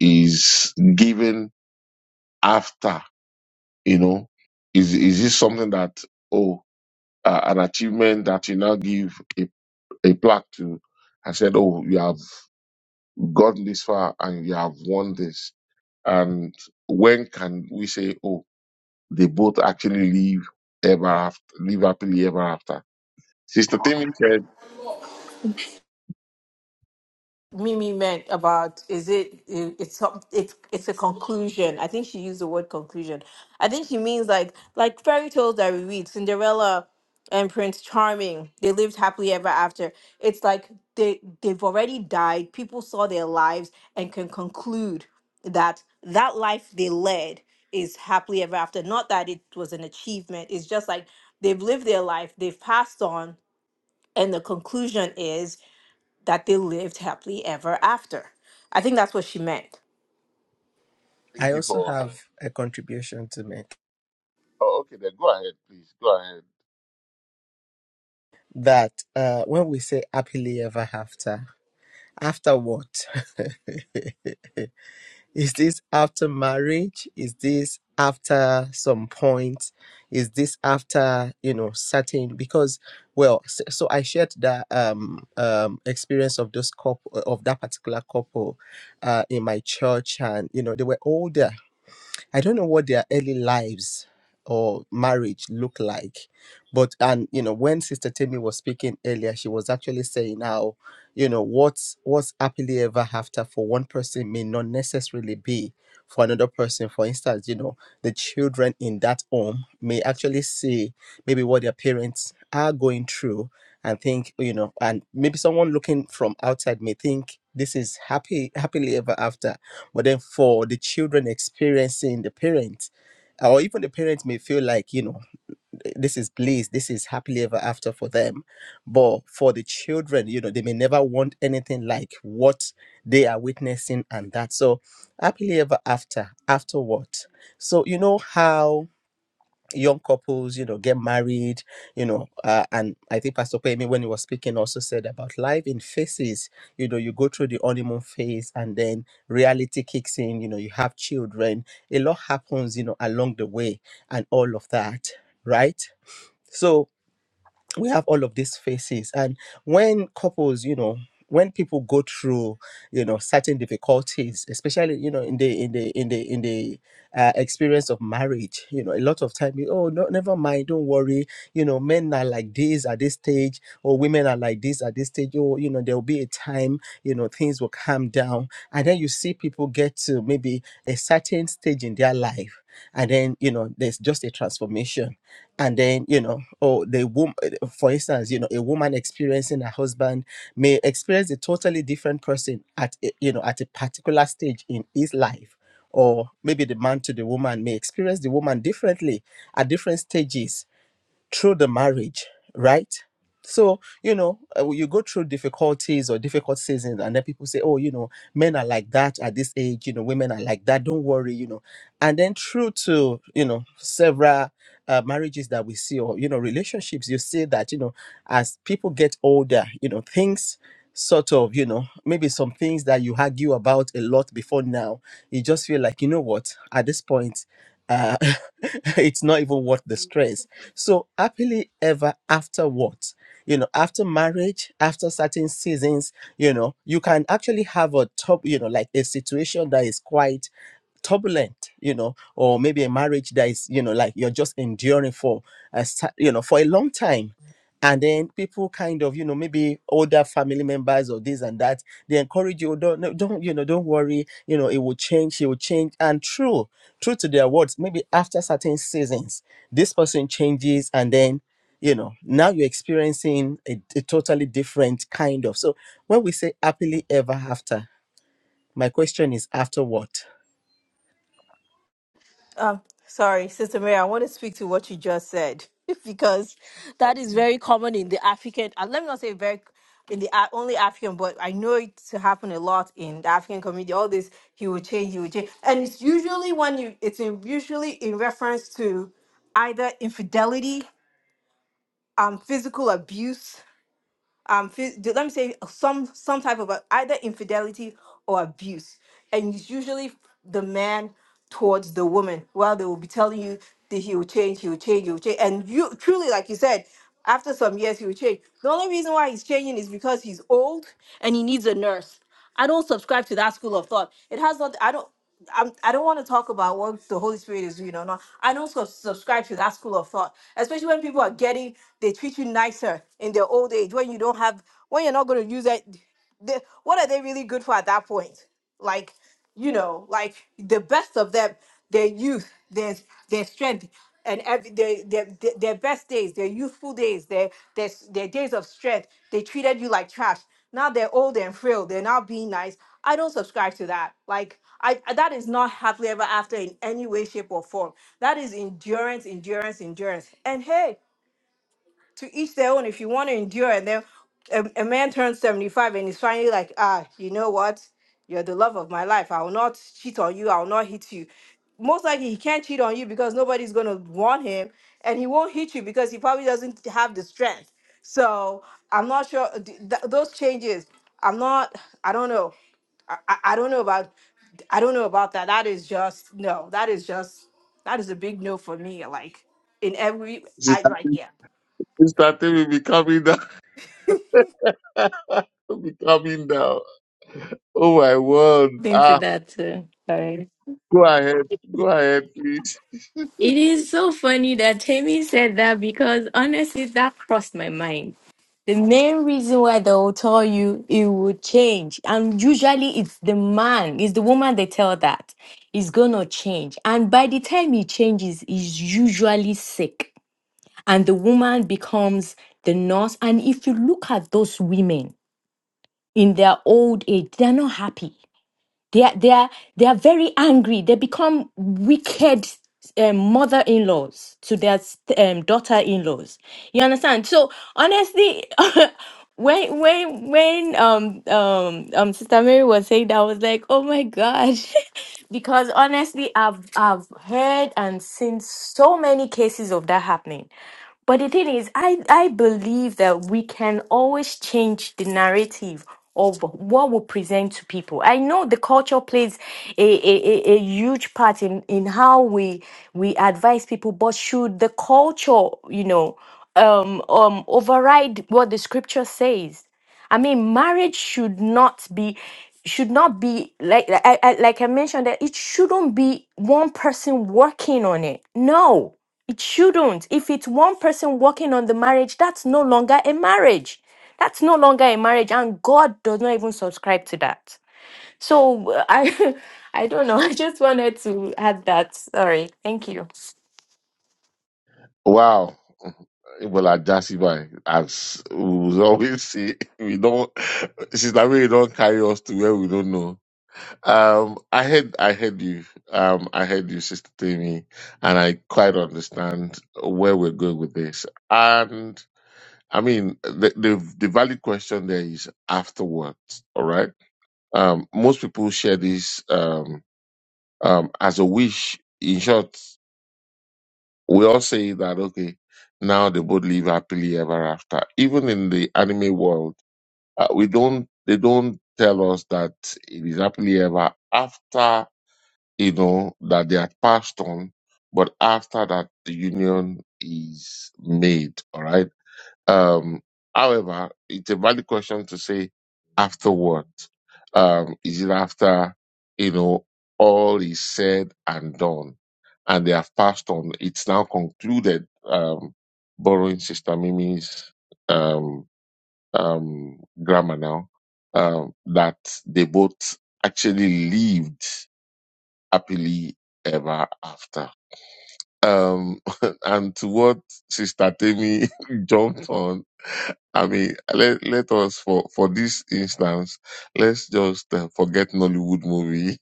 Speaker 1: is given after you know? Is is this something that oh uh, an achievement that you now give a, a plaque to? I said, oh, you have gotten this far and you have won this. And when can we say, oh, they both actually live ever after, live happily ever after? Sister Timmy said,
Speaker 3: Mimi meant about is it it- it's some it's it's a conclusion. I think she used the word conclusion. I think she means like like fairy tales that we read, Cinderella and Prince Charming. They lived happily ever after. It's like they they've already died. People saw their lives and can conclude that that life they led is happily ever after. Not that it was an achievement. It's just like they've lived their life, they've passed on, and the conclusion is that they lived happily ever after. I think that's what she meant.
Speaker 2: I
Speaker 1: thank you
Speaker 2: also
Speaker 1: for.
Speaker 2: have a contribution to make
Speaker 1: Oh, okay, then go ahead, please. Go ahead.
Speaker 2: that uh, when we say happily ever after, after what? Is this after marriage? Is this after some point? Is this after, you know, certain? Because, well, s- so I shared that um, um, experience of those couple, of that particular couple uh, in my church, and, you know, they were older I don't know what their early lives or marriage look like. But and you know, when Sister Timmy was speaking earlier, she was actually saying how, you know, what's what's happily ever after for one person may not necessarily be for another person. For instance, you know, the children in that home may actually see maybe what their parents are going through and think, you know, and maybe someone looking from outside may think this is happy happily ever after but then for the children experiencing the parents, or even the parents may feel like, you know, this is bliss, this is happily ever after for them. But for the children, you know, they may never want anything like what they are witnessing and that. So happily ever after, after what? So you know how young couples, you know, get married, you know, uh, and I think Pastor Kwame, when he was speaking, also said about life in phases. You know, you go through the honeymoon phase, and then reality kicks in. You know, you have children. A lot happens, you know, along the way, and all of that, right? So we have all of these phases and when couples you know when people go through you know certain difficulties especially you know in the in the in the in the uh, experience of marriage you know a lot of time you, oh no never mind don't worry you know men are like this at this stage or women are like this at this stage or you know there will be a time you know things will calm down and then you see people get to maybe a certain stage in their life and then you know there's just a transformation and then you know or the woman for instance you know a woman experiencing her husband may experience a totally different person at a, you know at a particular stage in his life or maybe the man to the woman may experience the woman differently at different stages through the marriage, right? So, you know, uh, you go through difficulties or difficult seasons, and then people say, oh, you know, men are like that at this age, you know, women are like that, don't worry, you know. And then, through to, you know, several uh, marriages that we see or, you know, relationships, you see that, you know, as people get older, you know, things sort of, you know, maybe some things that you argue about a lot before now, you just feel like, you know what, at this point, uh, it's not even worth the stress so happily ever after what? You know, after marriage, after certain seasons, you know, you can actually have a top, you know, like a situation that is quite turbulent you know or maybe a marriage that is you know like you're just enduring for a cer- you know for a long time and then people kind of you know maybe older family members or this and that they encourage you don't no, don't you know don't worry you know it will change it will change and true true to their words maybe after certain seasons this person changes and then you know now you're experiencing a, a totally different kind of so when we say happily ever after my question is after what
Speaker 3: Um, sorry, Sister Mary, I want to speak to what you just said because that is
Speaker 1: Okay.
Speaker 3: very common in the African. Uh, let me not say very in the Af- only African, but I know it to happen a lot in the African community. All this, he will change, he will change, and it's usually when you, it's in, usually in reference to either infidelity, um, physical abuse, um phys- let me say uh, some some type of a, either infidelity or abuse and it's usually the man towards the woman well they will be telling you that he will change he will change he will change and you truly like you said after some years he will change the only reason why he's changing is because he's old and he needs a nurse I don't subscribe to that school of thought. It has not. I don't. I'm, I don't want to talk about what the Holy Spirit is doing or not. I don't sub- subscribe to that school of thought, especially when people are getting they treat you nicer in their old age when you don't have when you're not going to use it. They, what are they really good for at that point? like you know like the best of them their youth their their strength and every their, their their their best days their youthful days their, their their days of strength they treated you like trash now they're old and frail they're not being nice i don't subscribe to that like i I- that is not happily ever after in any way shape or form that is endurance endurance endurance and hey to each their own if you want to endure and then a, a man turns 75 and he's finally like ah you know what you're the love of my life i will not cheat on you i will not hit you most likely he can't cheat on you because nobody's going to want him and he won't hit you because he probably doesn't have the strength so i'm not sure th- th- those changes i'm not i don't know I, I I don't know about i don't know about that that is just no that is just that is a big no for me like in every i
Speaker 1: Sister,
Speaker 3: like
Speaker 1: Timmy-
Speaker 3: yeah
Speaker 1: Sister Timmy be coming down. be coming down. Oh, my word.
Speaker 4: Into
Speaker 1: Ah,
Speaker 4: that too. Sorry.
Speaker 1: go ahead. Go ahead, please.
Speaker 4: It is so funny that Tammy said that because honestly, that crossed my mind. The main reason why they will tell you it will change, and usually it's the man, it's the woman they tell that is gonna change. And by the time he changes, he's usually sick, and the woman becomes the nurse. And if you look at those women in their old age, they're not happy they are, they are they are very angry they become wicked um, mother-in-laws to their um, daughter-in-laws you understand so honestly when when when um um um sister mary was saying that i was like oh my gosh because honestly i've i've heard and seen so many cases of that happening but the thing is, I, I believe that we can always change the narrative of what we present to people. I know the culture plays a, a, a, a huge part in, in how we we advise people, but should the culture, you know, um, um, override what the scripture says? I mean, marriage should not be should not be like like I, I- like I mentioned that it shouldn't be one person working on it. No it shouldn't. If it's one person working on the marriage, that's no longer a marriage. That's no longer a marriage, and God does not even subscribe to that. So uh, I, I don't know. I just wanted to add that. Sorry. Thank you.
Speaker 1: Wow. Well, I just by as we always say, we don't, Sister Mary don't carry us to where we don't know. Um, I heard, I heard you. Um, I heard you, Sister Tammy, and I quite understand where we're going with this. And I mean, the the, the valid question there is afterwards. All right. Um, most people share this um um as a wish. In short, we all say that okay, now they both live happily ever after. Even in the anime world, uh, we don't. They don't tell us that it is happily ever after you know, that they are passed on, but after that, the union is made, all right? Um, however, it's a valid question to say after what? Um, is it after, you know, all is said and done and they have passed on? It's now concluded, um, borrowing Sister Mimi's, um, um, grammar now, um, that they both actually lived happily ever after. Um, and to what Sister Temi jumped on, I mean, let, let us for, for this instance, let's just uh, forget Nollywood movie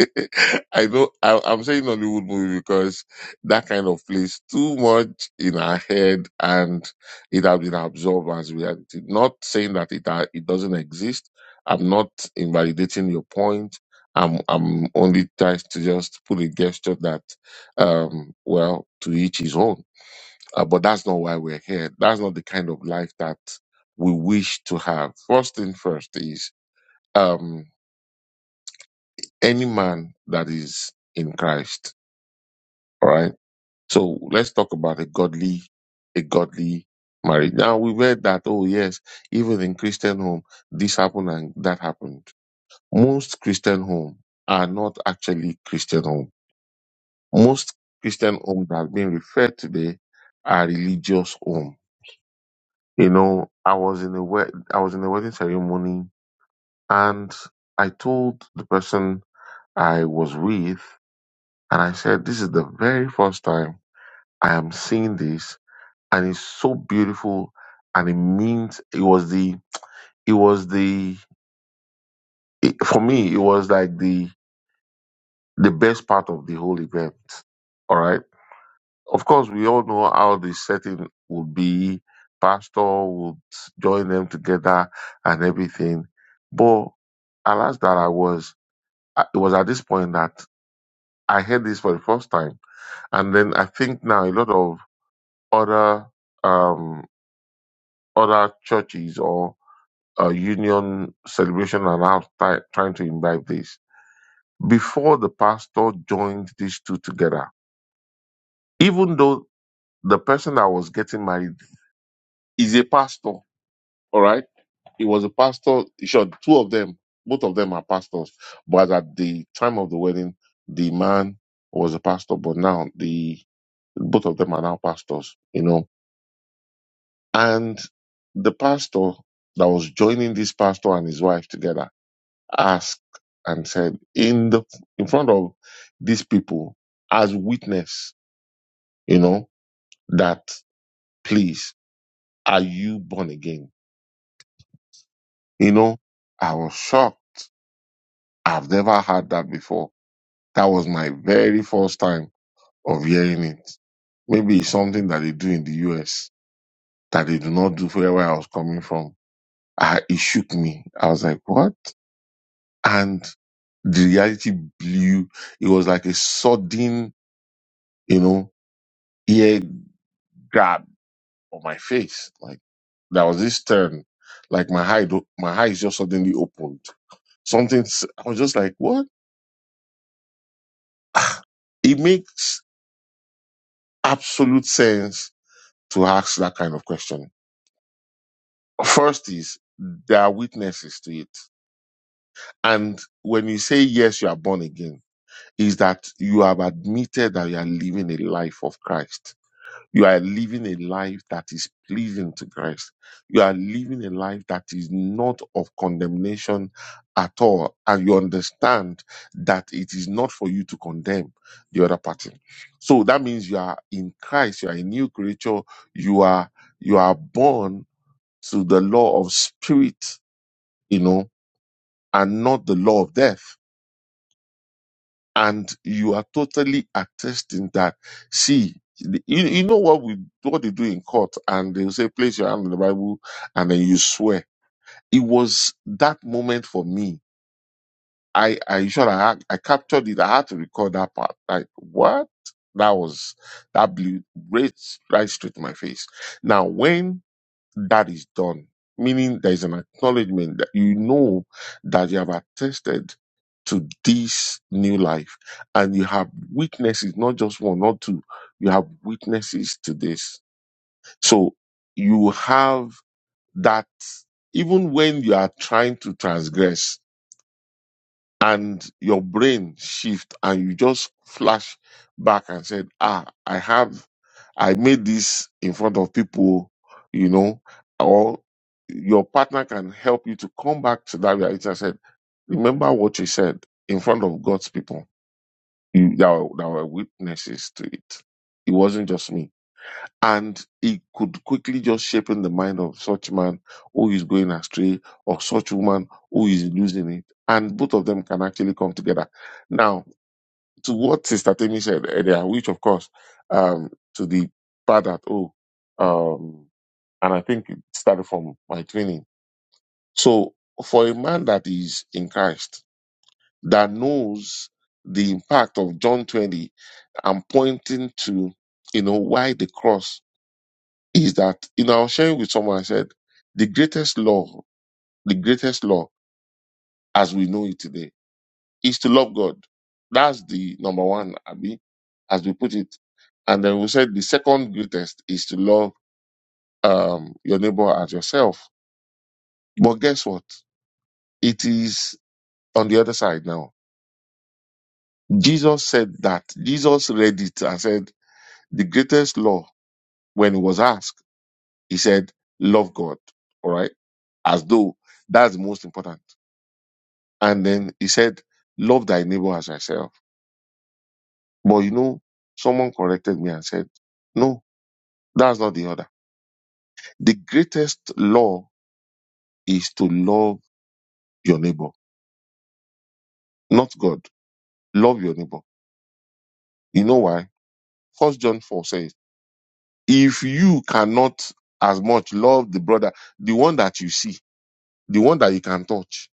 Speaker 1: I know I, I'm saying Nollywood movie because that kind of plays too much in our head and it has been absorbed as reality. Not saying that it ha- it doesn't exist. I'm not invalidating your point. I'm I'm only trying to just put a gesture that, um, well, to each his own. Uh, but that's not why we're here. That's not the kind of life that we wish to have. First thing first is um, any man that is in Christ. All right. So let's talk about a godly, a godly marriage. Now we read that, oh yes, even in Christian home, this happened and that happened. Most Christian home are not actually Christian home. Most Christian home that have been referred today are religious home. You know, I was in a wed- I was in a wedding ceremony and I told the person I was with and I said, this is the very first time I am seeing this and it's so beautiful and it means it was the it was the it, for me it was like the the best part of the whole event all right of course we all know how the setting would be pastor would join them together and everything but alas that i was I- it was at this point that i heard this for the first time and then i think now a lot of other um other churches or. uh, union celebration and now try, trying to imbibe this. Before the pastor joined these two together, even though the person that was getting married is a pastor, all right? He was a pastor. Sure, two of them, both of them are pastors. But at the time of the wedding, the man was a pastor, but now the both of them are now pastors, you know. And the pastor that was joining this pastor and his wife together asked and said in the in front of these people as witness you know that please are you born again you know i was shocked i've never heard that before that was my very first time of hearing it maybe it's something that they do in the us that they do not do where i was coming from I, it shook me i was like what and the reality blew it was like a sudden you know ear grab on my face. Like there was this turn, like my eye, do- my eyes just suddenly opened. Something s- I was just like, what? It makes absolute sense to ask that kind of question. First is there are witnesses to it, and when you say yes, you are born again, is that you have admitted that you are living a life of Christ You are living a life that is pleasing to Christ. You are living a life that is not of condemnation at all. And you understand that it is not for you to condemn the other party. So that means you are in Christ. You are a new creature. You are, you are born to the law of spirit, you know, and not the law of death. and you are totally attesting that see the- you, you know what we what they do in court and they'll say place your hand on the bible and then you swear it was that moment for me i i sure i had, i captured it i had to record that part like what that was that blew right, right straight to my face now when that is done. Meaning there is an acknowledgement that you know that you have attested to this new life and you have witnesses, not just one, not two. You have witnesses to this. So you have that even when you are trying to transgress and your brain shift and you just flash back and said, ah, I have I made this in front of people, you know, or your partner can help you to come back to that reality. I said, remember what you said in front of God's people. You, there, were, there were witnesses to it. It wasn't just me. And it could quickly just shape in the mind of such man who is going astray or such woman who is losing it. And both of them can actually come together. Now, to what Sister Temi said earlier, which of course, um, to the part that, oh, um, and I think it started from my training. So for a man that is in Christ, that knows the impact of John 20 i I'm pointing to, you know, why the cross is that, you know, I was sharing with someone, I said, the greatest law, the greatest law as we know it today is to love God. That's the number one, Abby, as we put it. And then we said the second greatest is to love um, your neighbor as yourself. But guess what? It is on the other side now. Jesus said that. Jesus read it and said, the greatest law when he was asked, he said, love God. All right. As though that's the most important. And then he said, love thy neighbor as thyself. But you know, someone corrected me and said, no, that's not the order The greatest law is to love your neighbor, not God. Love your neighbor. You know why? First John 4 says, if you cannot as much love the brother, the one that you see, the one that you can touch,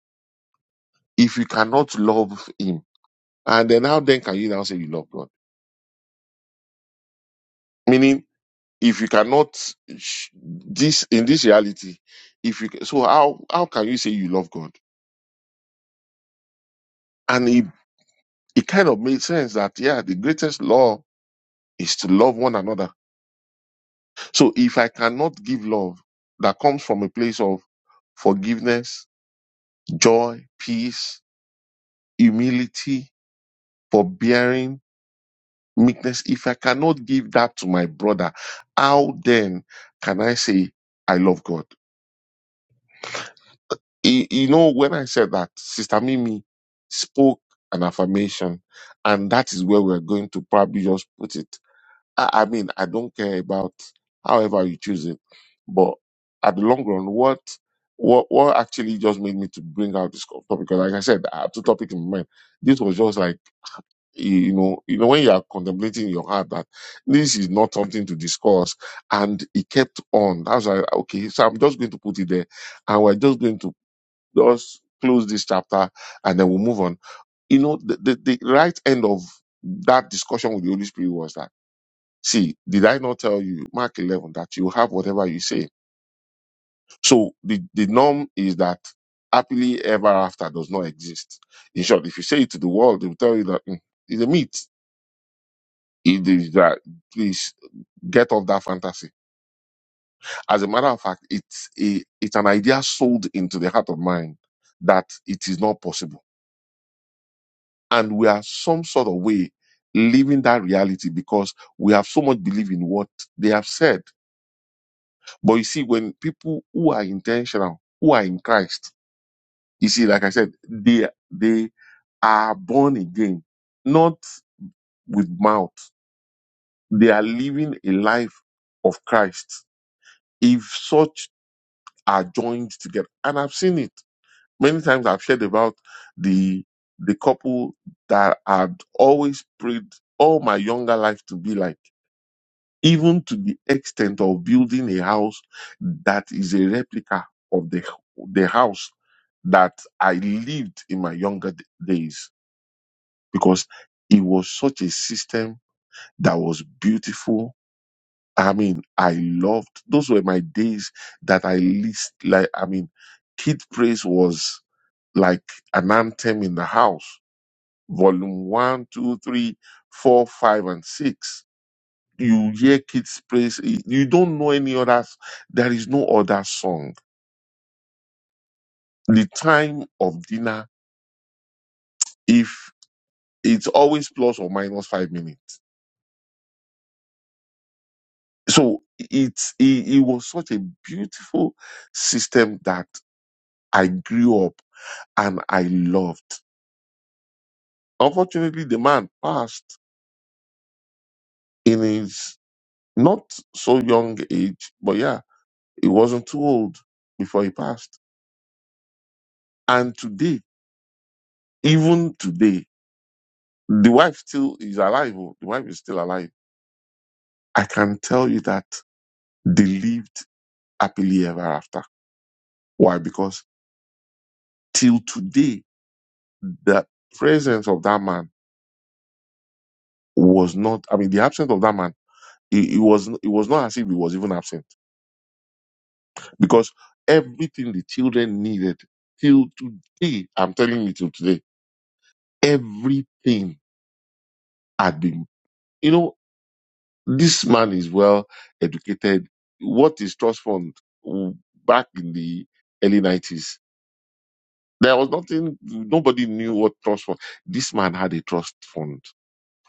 Speaker 1: if you cannot love him, and then how then can you now say you love God? Meaning, if you cannot sh- this in this reality, if you so how how can you say you love God? And it, it kind of made sense that yeah, the greatest law is to love one another So if I cannot give love that comes from a place of forgiveness, joy, peace, humility, forbearing, meekness, if I cannot give that to my brother, how then can I say I love God? Y- You know, when I said that, Sister Mimi spoke an affirmation, and that is where we're going to probably just put it. I, I mean, I don't care about however you choose it, but at the long run, what what what actually just made me to bring out this topic? Because like I said, I have two topics in my mind. This was just like you you know, you know, when you are contemplating in your heart that this is not something to discuss, and it kept on. That's why okay, so I'm just going to put it there, and we're just going to just close this chapter, and then we'll move on. You know, the the, the right end of that discussion with the Holy Spirit was that. See, did I not tell you, Mark 11, that you have whatever you say? So the, the norm is that happily ever after does not exist. In short, if you say it to the world, they will tell you that "Mm, it's a myth. It is that, please get off that fantasy. As a matter of fact, it's a, it's an idea sold into the heart of mind that it is not possible. And we are some sort of way living that reality because we have so much belief in what they have said. But you see, when people who are intentional, who are in Christ, you see, like I said, they they are born again, not with mouth. They are living a life of Christ. If such are joined together, and I've seen it many times, I've shared about the the couple that I'd always prayed all my younger life to be like. even to the extent of building a house that is a replica of the, the house that I lived in my younger d- days because it was such a system that was beautiful. I mean, I loved those were my days that I least like. I mean, Kid Praise was like an anthem in the house, volume one, two, three, four, five, and six you hear kids praise. You don't know any other. s- There is no other song. The time of dinner, if it's always plus or minus five minutes. So it's it, it was such a beautiful system that I grew up and I loved. Unfortunately, the man passed in his not so young age, but yeah, he wasn't too old before he passed. And today, even today. The wife still is alive. oh. The wife is still alive. I can tell you that they lived happily ever after. Why? Because till today, the presence of that man was not, I mean, the absence of that man, it, it was, it was not as if he was even absent because everything the children needed till today, I'm telling you till today, everything had been, you know, This man is well educated. What is trust fund w- back in the early 90s? There was nothing, nobody knew what trust fund. This man had a trust fund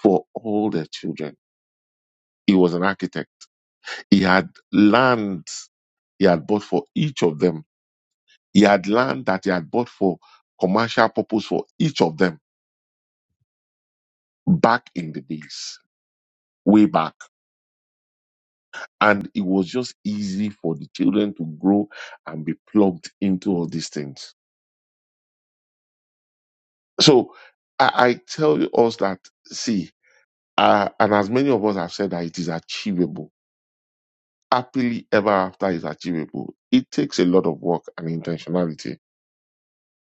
Speaker 1: for all their children. He was an architect. He had land he had bought for each of them. He had land that he had bought for commercial purpose for each of them back in the days, way back. And it was just easy for the children to grow and be plugged into all these things So I, I tell you us that see, uh, and as many of us have said that it is achievable. Happily ever after is achievable. It takes a lot of work and intentionality,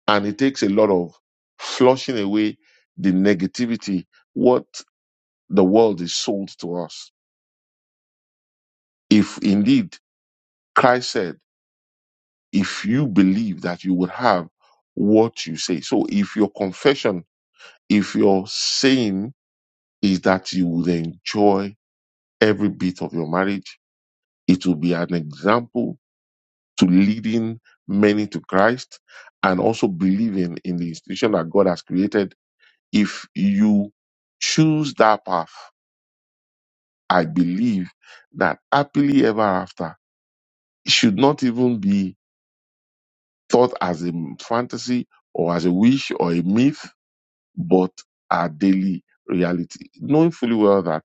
Speaker 1: and it takes a lot of flushing away the negativity what the world is sold to us. If indeed Christ said, if you believe that you would have what you say. So if your confession, if your saying is that you would enjoy every bit of your marriage. It will be an example to leading many to Christ and also believing in the institution that God has created. If you choose that path, I believe that happily ever after should not even be thought as a fantasy or as a wish or a myth, but a daily reality. Knowing fully well that,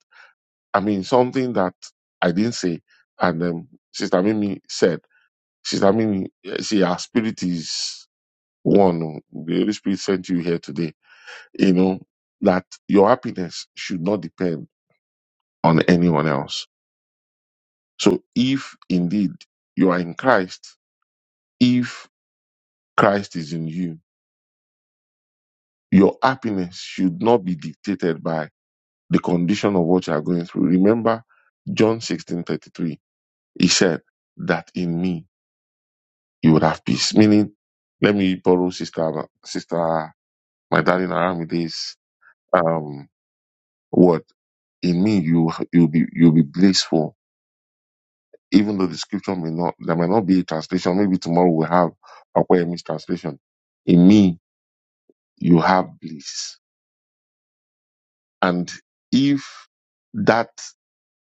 Speaker 1: I mean, something that I didn't say and um, Sister Mimi said She's, I mean, yeah, see, our spirit is one. oh. The Holy Spirit sent you here today. You know, that your happiness should not depend on anyone else. So if indeed you are in Christ, if Christ is in you, your happiness should not be dictated by the condition of what you are going through. Remember John 16 33. He said that in me you would have peace. Meaning, let me borrow sister, sister, my darling Aramide's um, what in me you you'll be you'll be blissful. Even though the scripture may not there may not be a translation, maybe tomorrow we'll have a Miss translation. In me you have bliss. And if that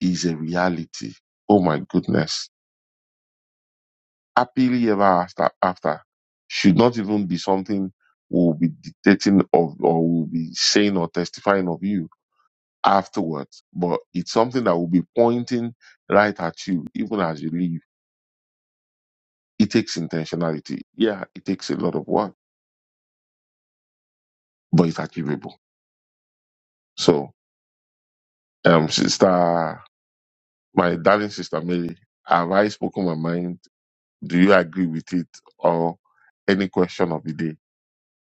Speaker 1: is a reality, oh my goodness. Happily ever after after should not even be something we'll be dictating of or we'll be saying or testifying of you afterwards. But it's something that will be pointing right at you, even as you leave it takes intentionality. Yeah, it takes a lot of work, but it's achievable. So, um, sister, my darling sister Mary, have I spoken my mind? Do you agree with it or any question of the day?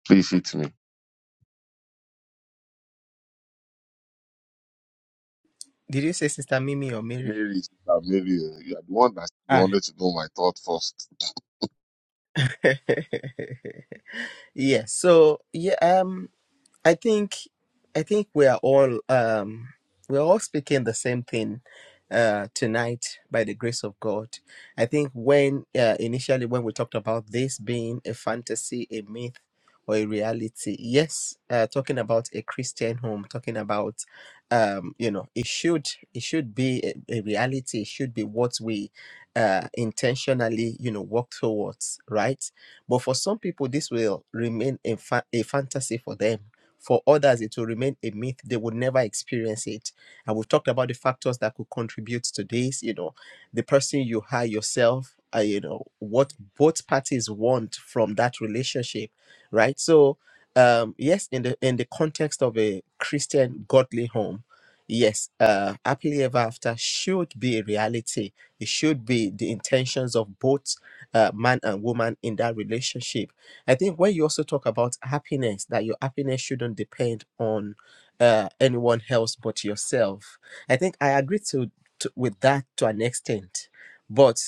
Speaker 1: Please hit me.
Speaker 2: did you say sister mimi or mary
Speaker 1: Mary, sister Mary, you are the one that
Speaker 2: ah
Speaker 1: wanted to know my thought first.
Speaker 2: yes so yeah um I think I think we are all um, we're all speaking the same thing uh, tonight by the grace of God. I think when uh, initially when we talked about this being a fantasy, a myth, or a reality, yes, uh, talking about a Christian home, talking about um, you know it should it should be a, a reality. It should be what we uh, intentionally you know work towards, right? But for some people, this will remain a, fa- a fantasy for them for others, it will remain a myth. They would never experience it. And we've talked about the factors that could contribute to this, you know, the person you hire yourself, uh, you know, what both parties want from that relationship, right? So, um, yes, in the in the context of a Christian godly home, yes, uh, happily ever after should be a reality. It should be the intentions of both uh, man and woman in that relationship I think when you also talk about happiness, that your happiness shouldn't depend on uh, anyone else but yourself. I think I agree to, to with that to an extent, but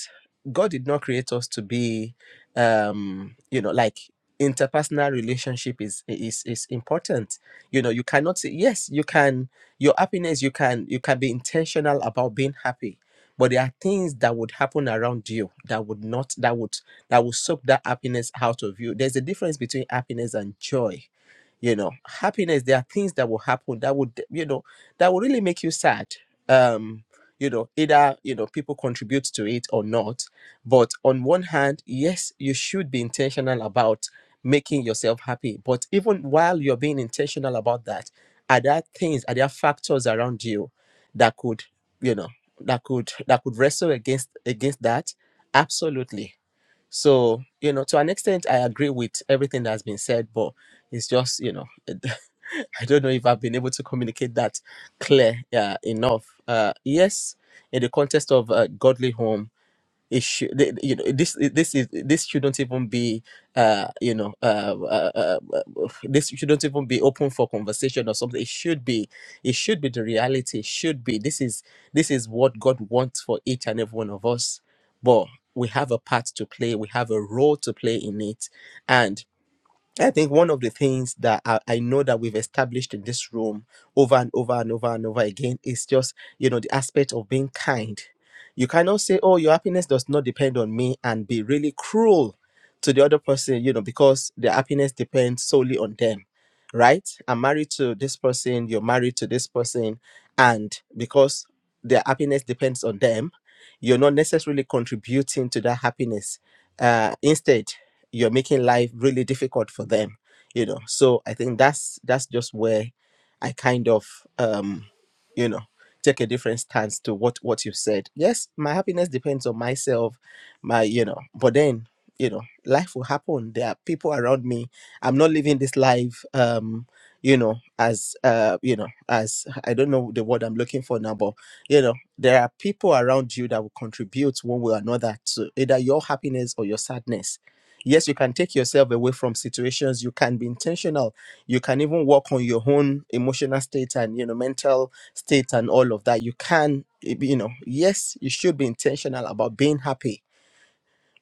Speaker 2: God did not create us to be, um, you know, like interpersonal relationship is is is important. You know, you cannot say yes. You can your happiness. You can you can be intentional about being happy, but there are things that would happen around you that would not that would that will suck that happiness out of you. There's a difference between happiness and joy. You know, happiness, there are things that will happen that would, you know, that will really make you sad. Um, you know, either, you know, people contribute to it or not. But on one hand, yes, you should be intentional about making yourself happy. But even while you're being intentional about that, are there things, are there factors around you that could, you know, that could that could wrestle against against that? Absolutely so, you know, to an extent, I agree with everything that's been said, but it's just, you know, I don't know if I've been able to communicate that clear uh, enough. Uh, yes, in the context of a godly home, it should th- you know this this is this shouldn't even be uh you know uh, uh, uh uh, this shouldn't even be open for conversation or something it should be it should be the reality it should be this is this is what god wants for each and every one of us but we have a part to play we have a role to play in it and. I think one of the things that I, I know that we've established in this room over and over and over and over again is just, you know, the aspect of being kind. You cannot say, oh, your happiness does not depend on me and be really cruel to the other person, you know, because their happiness depends solely on them, right? I'm married to this person, you're married to this person, and because their happiness depends on them, you're not necessarily contributing to that happiness. Uh, instead, you're making life really difficult for them you know so i think that's that's just where i kind of um you know take a different stance to what what you said yes my happiness depends on myself my you know but then you know life will happen there are people around me i'm not living this life um you know as uh you know as i don't know the word i'm looking for now but you know there are people around you that will contribute one way or another to either your happiness or your sadness yes you can take yourself away from situations you can be intentional you can even work on your own emotional state and you know mental state and all of that you can eh, you know yes you should be intentional about being happy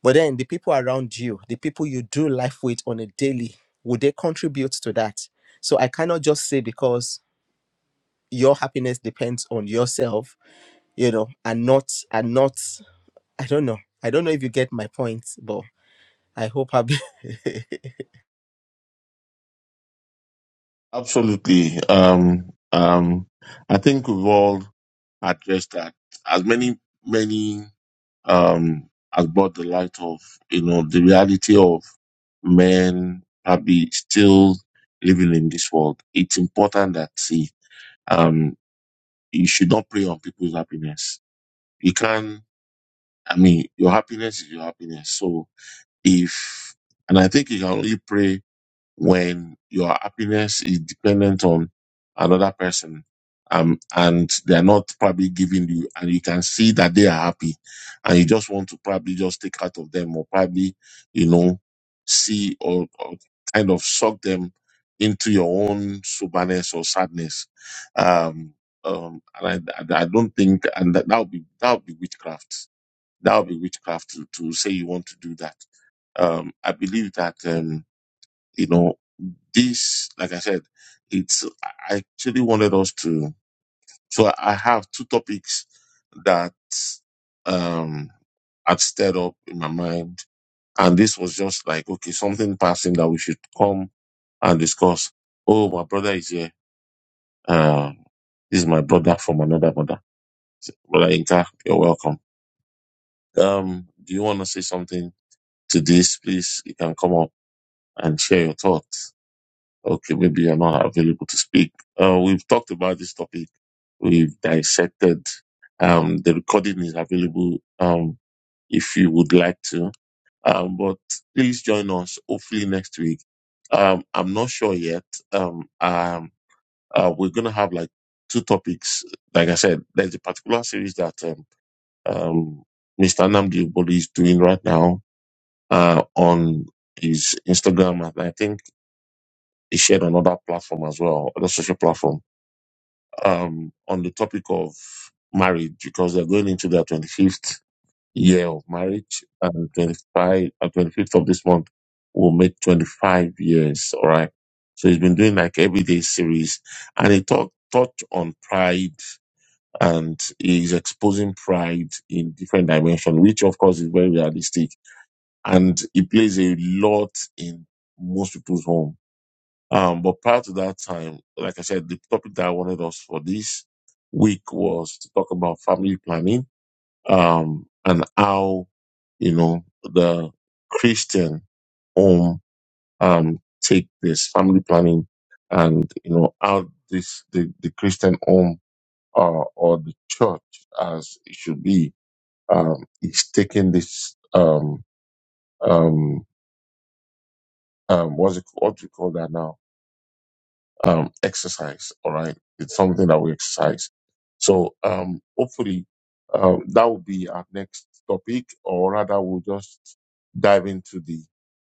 Speaker 2: but then the people around you the people you do life with on a daily would they contribute to that so i cannot just say because your happiness depends on yourself you know and not and not i don't know i don't know if you get my point but i hope i
Speaker 1: Absolutely. Um, um, I think we've all addressed that. As many, many um, has brought the light of, you know, the reality of men probably still living in this world. It's important that, see, um, you should not prey on people's happiness. You can, I mean, your happiness is your happiness. So if, and I think you can only pray when your happiness is dependent on another person um, and they're not probably giving you and you can see that they are happy and you just want to probably just take out of them or probably you know see or, or kind of suck them into your own soberness or sadness um, um, and I, I I don't think and that that would be that would be witchcraft that would be witchcraft to, to say you want to do that um, I believe that um, you know this, like I said, it's I actually wanted us to. So I have two topics that um had stirred up in my mind, and this was just like okay, something passing that we should come and discuss. Oh, my brother is here. Uh, this is my brother from another mother. So, Brother Inka, you're welcome. Um, do you want to say something to this? Please, you can come up and share your thoughts. Okay, maybe you're not available to speak. Uh, we've talked about this topic. We've dissected. Um, the recording is available um, if you would like to. Um, but please join us hopefully next week. Um, I'm not sure yet. Um, um, uh, we're going to have like two topics. Like I said, there's a particular series that um, um, Mr. Namdi Boli is doing right now uh, on his Instagram. And I think he shared another platform as well, other social platform um, on the topic of marriage because they're going into their 25th year of marriage and 25, uh, 25th of this month will make 25 years. All right. So he's been doing like everyday series and he talked, touched on pride and he's exposing pride in different dimensions, which of course is very realistic and it plays a lot in most people's home. Um, but prior to that time, like I said, the topic that I wanted us for this week was to talk about family planning, um, and how, you know, the Christian home, um, take this family planning and, you know, how this, the, the Christian home, uh, or the church as it should be, um, is taking this, um, um, um, what's it, what we call that now? um, exercise. All right, it's something that we exercise. So um, hopefully um, that will be our next topic, or rather, we'll just dive into the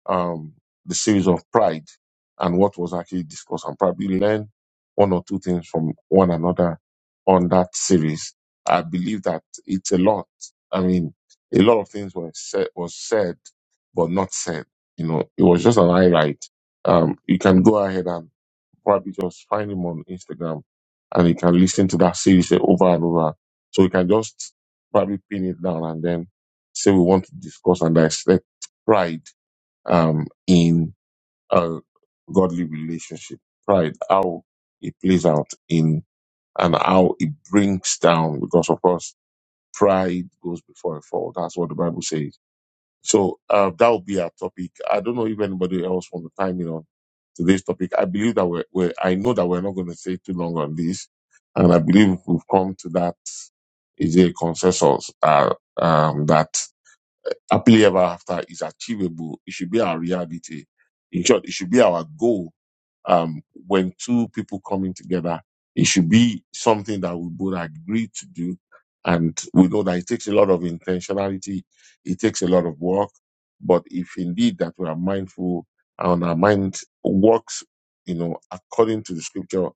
Speaker 1: um, the series of pride and what was actually discussed, and probably learn one or two things from one another on that series. I believe that it's a lot. I mean, a lot of things were said, was said, but not said. You know, it was just an highlight. Um, you can go ahead and probably just find him on Instagram and he can listen to that series over and over. So we can just probably pin it down and then say we want to discuss and dissect pride um, in a godly relationship. Pride, how it plays out in and how it brings down because of course pride goes before a fall. That's what the Bible says so uh, that will be our topic. I don't know if anybody else want to time in on today's topic. I believe that we're, we're I know that we're not going to stay too long on this, and I believe we've come to that is a consensus uh, um, that happily ever after is achievable. It should be our reality. In short, it should be our goal um, when two people coming together, it should be something that we both agree to do. And we know that it takes a lot of intentionality. It takes a lot of work. But if indeed that we are mindful and our mind works, you know, according to the scripture,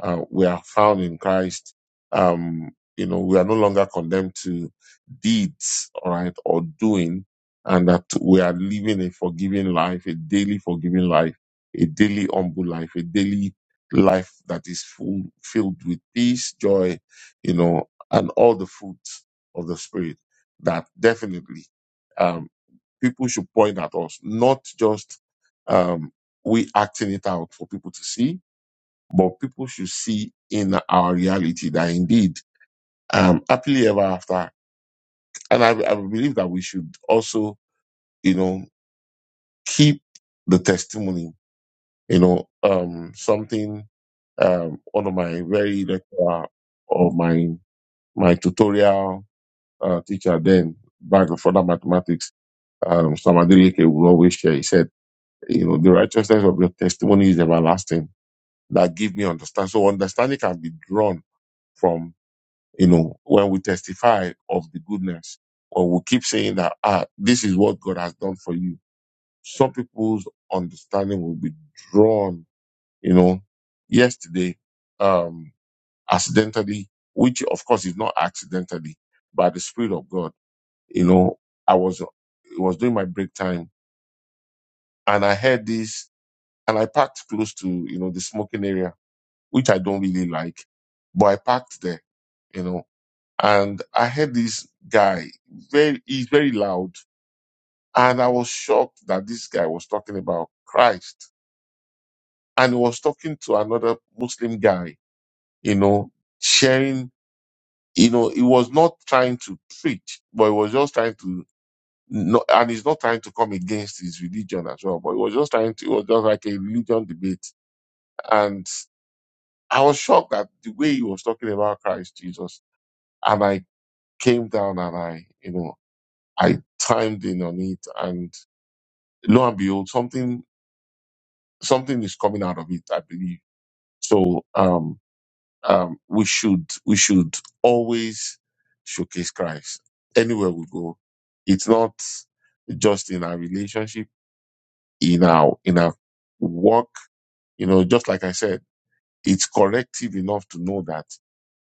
Speaker 1: uh, we are found in Christ. Um, you know, we are no longer condemned to deeds, all right, or doing, and that we are living a forgiving life, a daily forgiving life a daily humble life, a daily life that is full, filled with peace, joy, you know, and all the fruits of the spirit that definitely um, people should point at us, not just um, we acting it out for people to see, but people should see in our reality that indeed um, happily ever after. And I, I believe that we should also, you know, keep the testimony You know, um, something, um, one of my very lecturer or my, my tutorial, uh, teacher then back in further mathematics, um, Samadeleke would always share. He said, you know, the righteousness of your testimony is everlasting. That give me understand. So understanding can be drawn from, you know, when we testify of the goodness or we keep saying that, ah, this is what God has done for you. Some people's understanding will be drawn you know, yesterday, um, accidentally, which of course is not accidentally, by the Spirit of God, you know, I was, it was during my break time and I heard this and I parked close to, you know, the smoking area, which I don't really like, but I parked there, you know, and I heard this guy very, he's very loud. And I was shocked that this guy was talking about Christ and he was talking to another Muslim guy, you know, sharing you know, he was not trying to preach, but he was just trying to, no, and he's not trying to come against his religion as well, but he was just trying to, it was just like a religion debate. And I was shocked at the way he was talking about Christ Jesus. And I came down and I, you know, I timed in on it and lo and behold, something, something is coming out of it, I believe. So, um, um, we should we should always showcase Christ anywhere we go. It's not just in our relationship, in our in our work. You know, just like I said, it's corrective enough to know that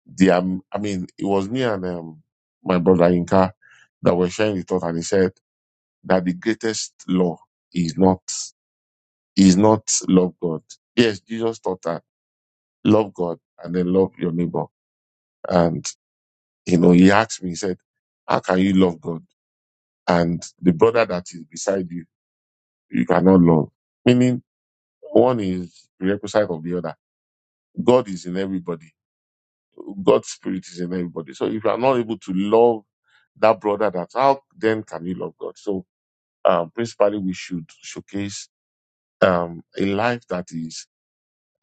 Speaker 1: the um, I mean, it was me and um, my brother Inka that were sharing the thought, and he said that the greatest law is not is not love God. Yes, Jesus taught that love God and then love your neighbor you know, he asked me, he said, how can you love God? And the brother that is beside you, you cannot love. Meaning one is prerequisite of the other. God is in everybody. God's spirit is in everybody. So if you are not able to love that brother, that how then can you love God? So um, principally we should showcase um, a life that is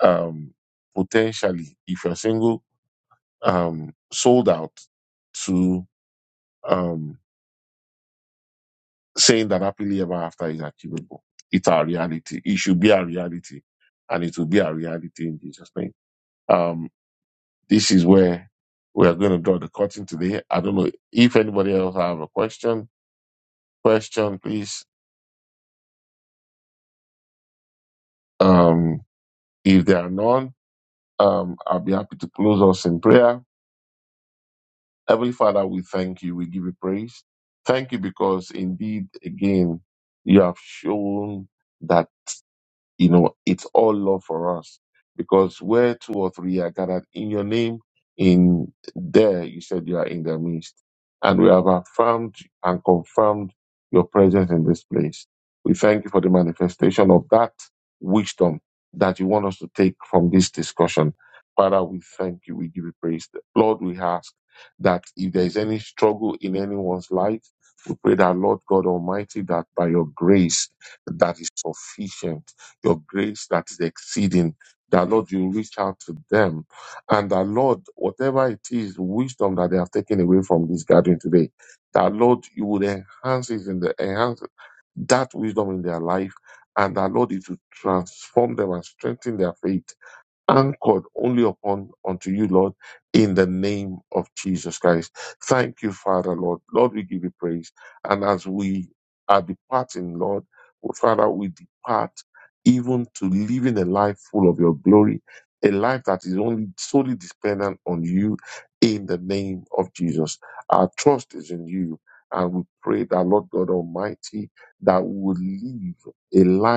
Speaker 1: um, potentially, if you're single, um, sold out to um, saying that happily ever after is achievable. It's our reality. It should be our reality, and it will be our reality in Jesus' name. Um, this is where we are going to draw the curtain today. I don't know if anybody else have a question. Question, please. Um, if there are none, um, I'll be happy to close us in prayer. Heavenly Father, we thank you. We give you praise. Thank you because indeed, again, you have shown that. You know, it's all love for us because where two or three are gathered in your name, in there, you said you are in their midst. And we have affirmed and confirmed your presence in this place. We thank you for the manifestation of that wisdom that you want us to take from this discussion. Father, we thank you. We give you praise. Lord, we ask that if there is any struggle in anyone's life, we pray that Lord God Almighty, that by your grace that is sufficient your grace that is exceeding. That Lord, you reach out to them. And that Lord, whatever it is, wisdom that they have taken away from this gathering today, that Lord, you would enhance it in the enhance that wisdom in their life. And that Lord, it would transform them and strengthen their faith anchored only upon unto you, Lord, in the name of Jesus Christ. Thank you, Father, Lord. Lord, we give you praise. And as we are departing, Lord, oh, Father, we depart even to living a life full of your glory, a life that is only solely dependent on you in the name of Jesus. Our trust is in you. And we pray that Lord God Almighty, that we will live a life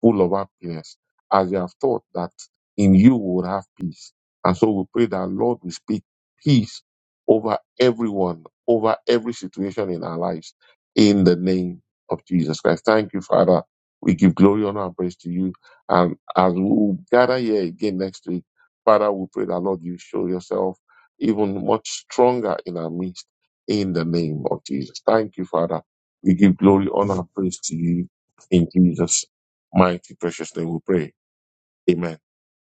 Speaker 1: full of happiness, as they have thought that in you we would have peace. And so we pray that Lord we speak peace over everyone, over every situation in our lives, in the name of Jesus Christ. Thank you, Father. We give glory, honor, and praise to you. And as we gather here again next week, Father, we pray that Lord you show yourself even much stronger in our midst, in the name of Jesus. Thank you, Father. We give glory, honor, and praise to you in Jesus' mighty precious name we pray. Amen.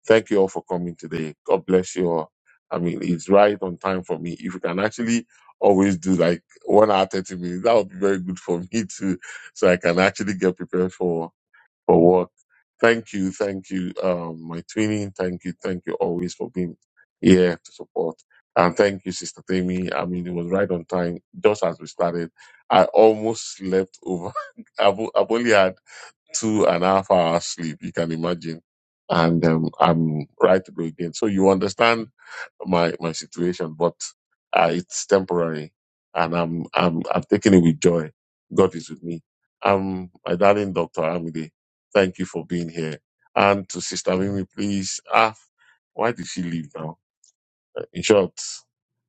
Speaker 1: Thank you all for coming today. God bless you all. I mean, it's right on time for me. If you can actually always do like one hour, 30 minutes, that would be very good for me too. So I can actually get prepared for, for work. Thank you. Thank you. Um, my twinning. Thank you. Thank you always for being here to support. And thank you, Sister Tammy. I mean, it was right on time, just as we started. I almost slept over. I've, I've only had two and a half hours sleep. You can imagine. And um, I'm right to go again. So you understand my, my situation, but uh, it's temporary and I'm, I'm, I'm taking it with joy. God is with me. Um, my darling Dr. Amide, thank you for being here. And to Sister Mimi, please, ah, why did she leave now? In short,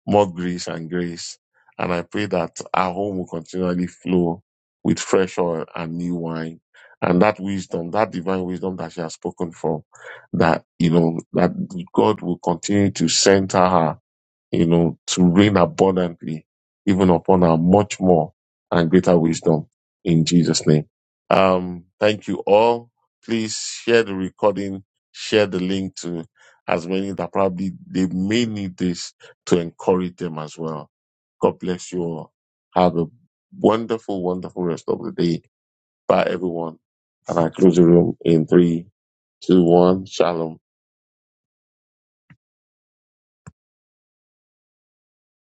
Speaker 1: more grace and grace. And I pray that our home will continually flow with fresh oil and new wine. And that wisdom, that divine wisdom that she has spoken from, that, you know, that God will continue to center her you know, to reign abundantly, even upon our much more and greater wisdom in Jesus' name. Um, thank you all. Please share the recording, share the link to as many that probably they may need this to encourage them as well. God bless you all. Have a wonderful, wonderful rest of the day. Bye everyone. And I close the room in three, two, one. Shalom.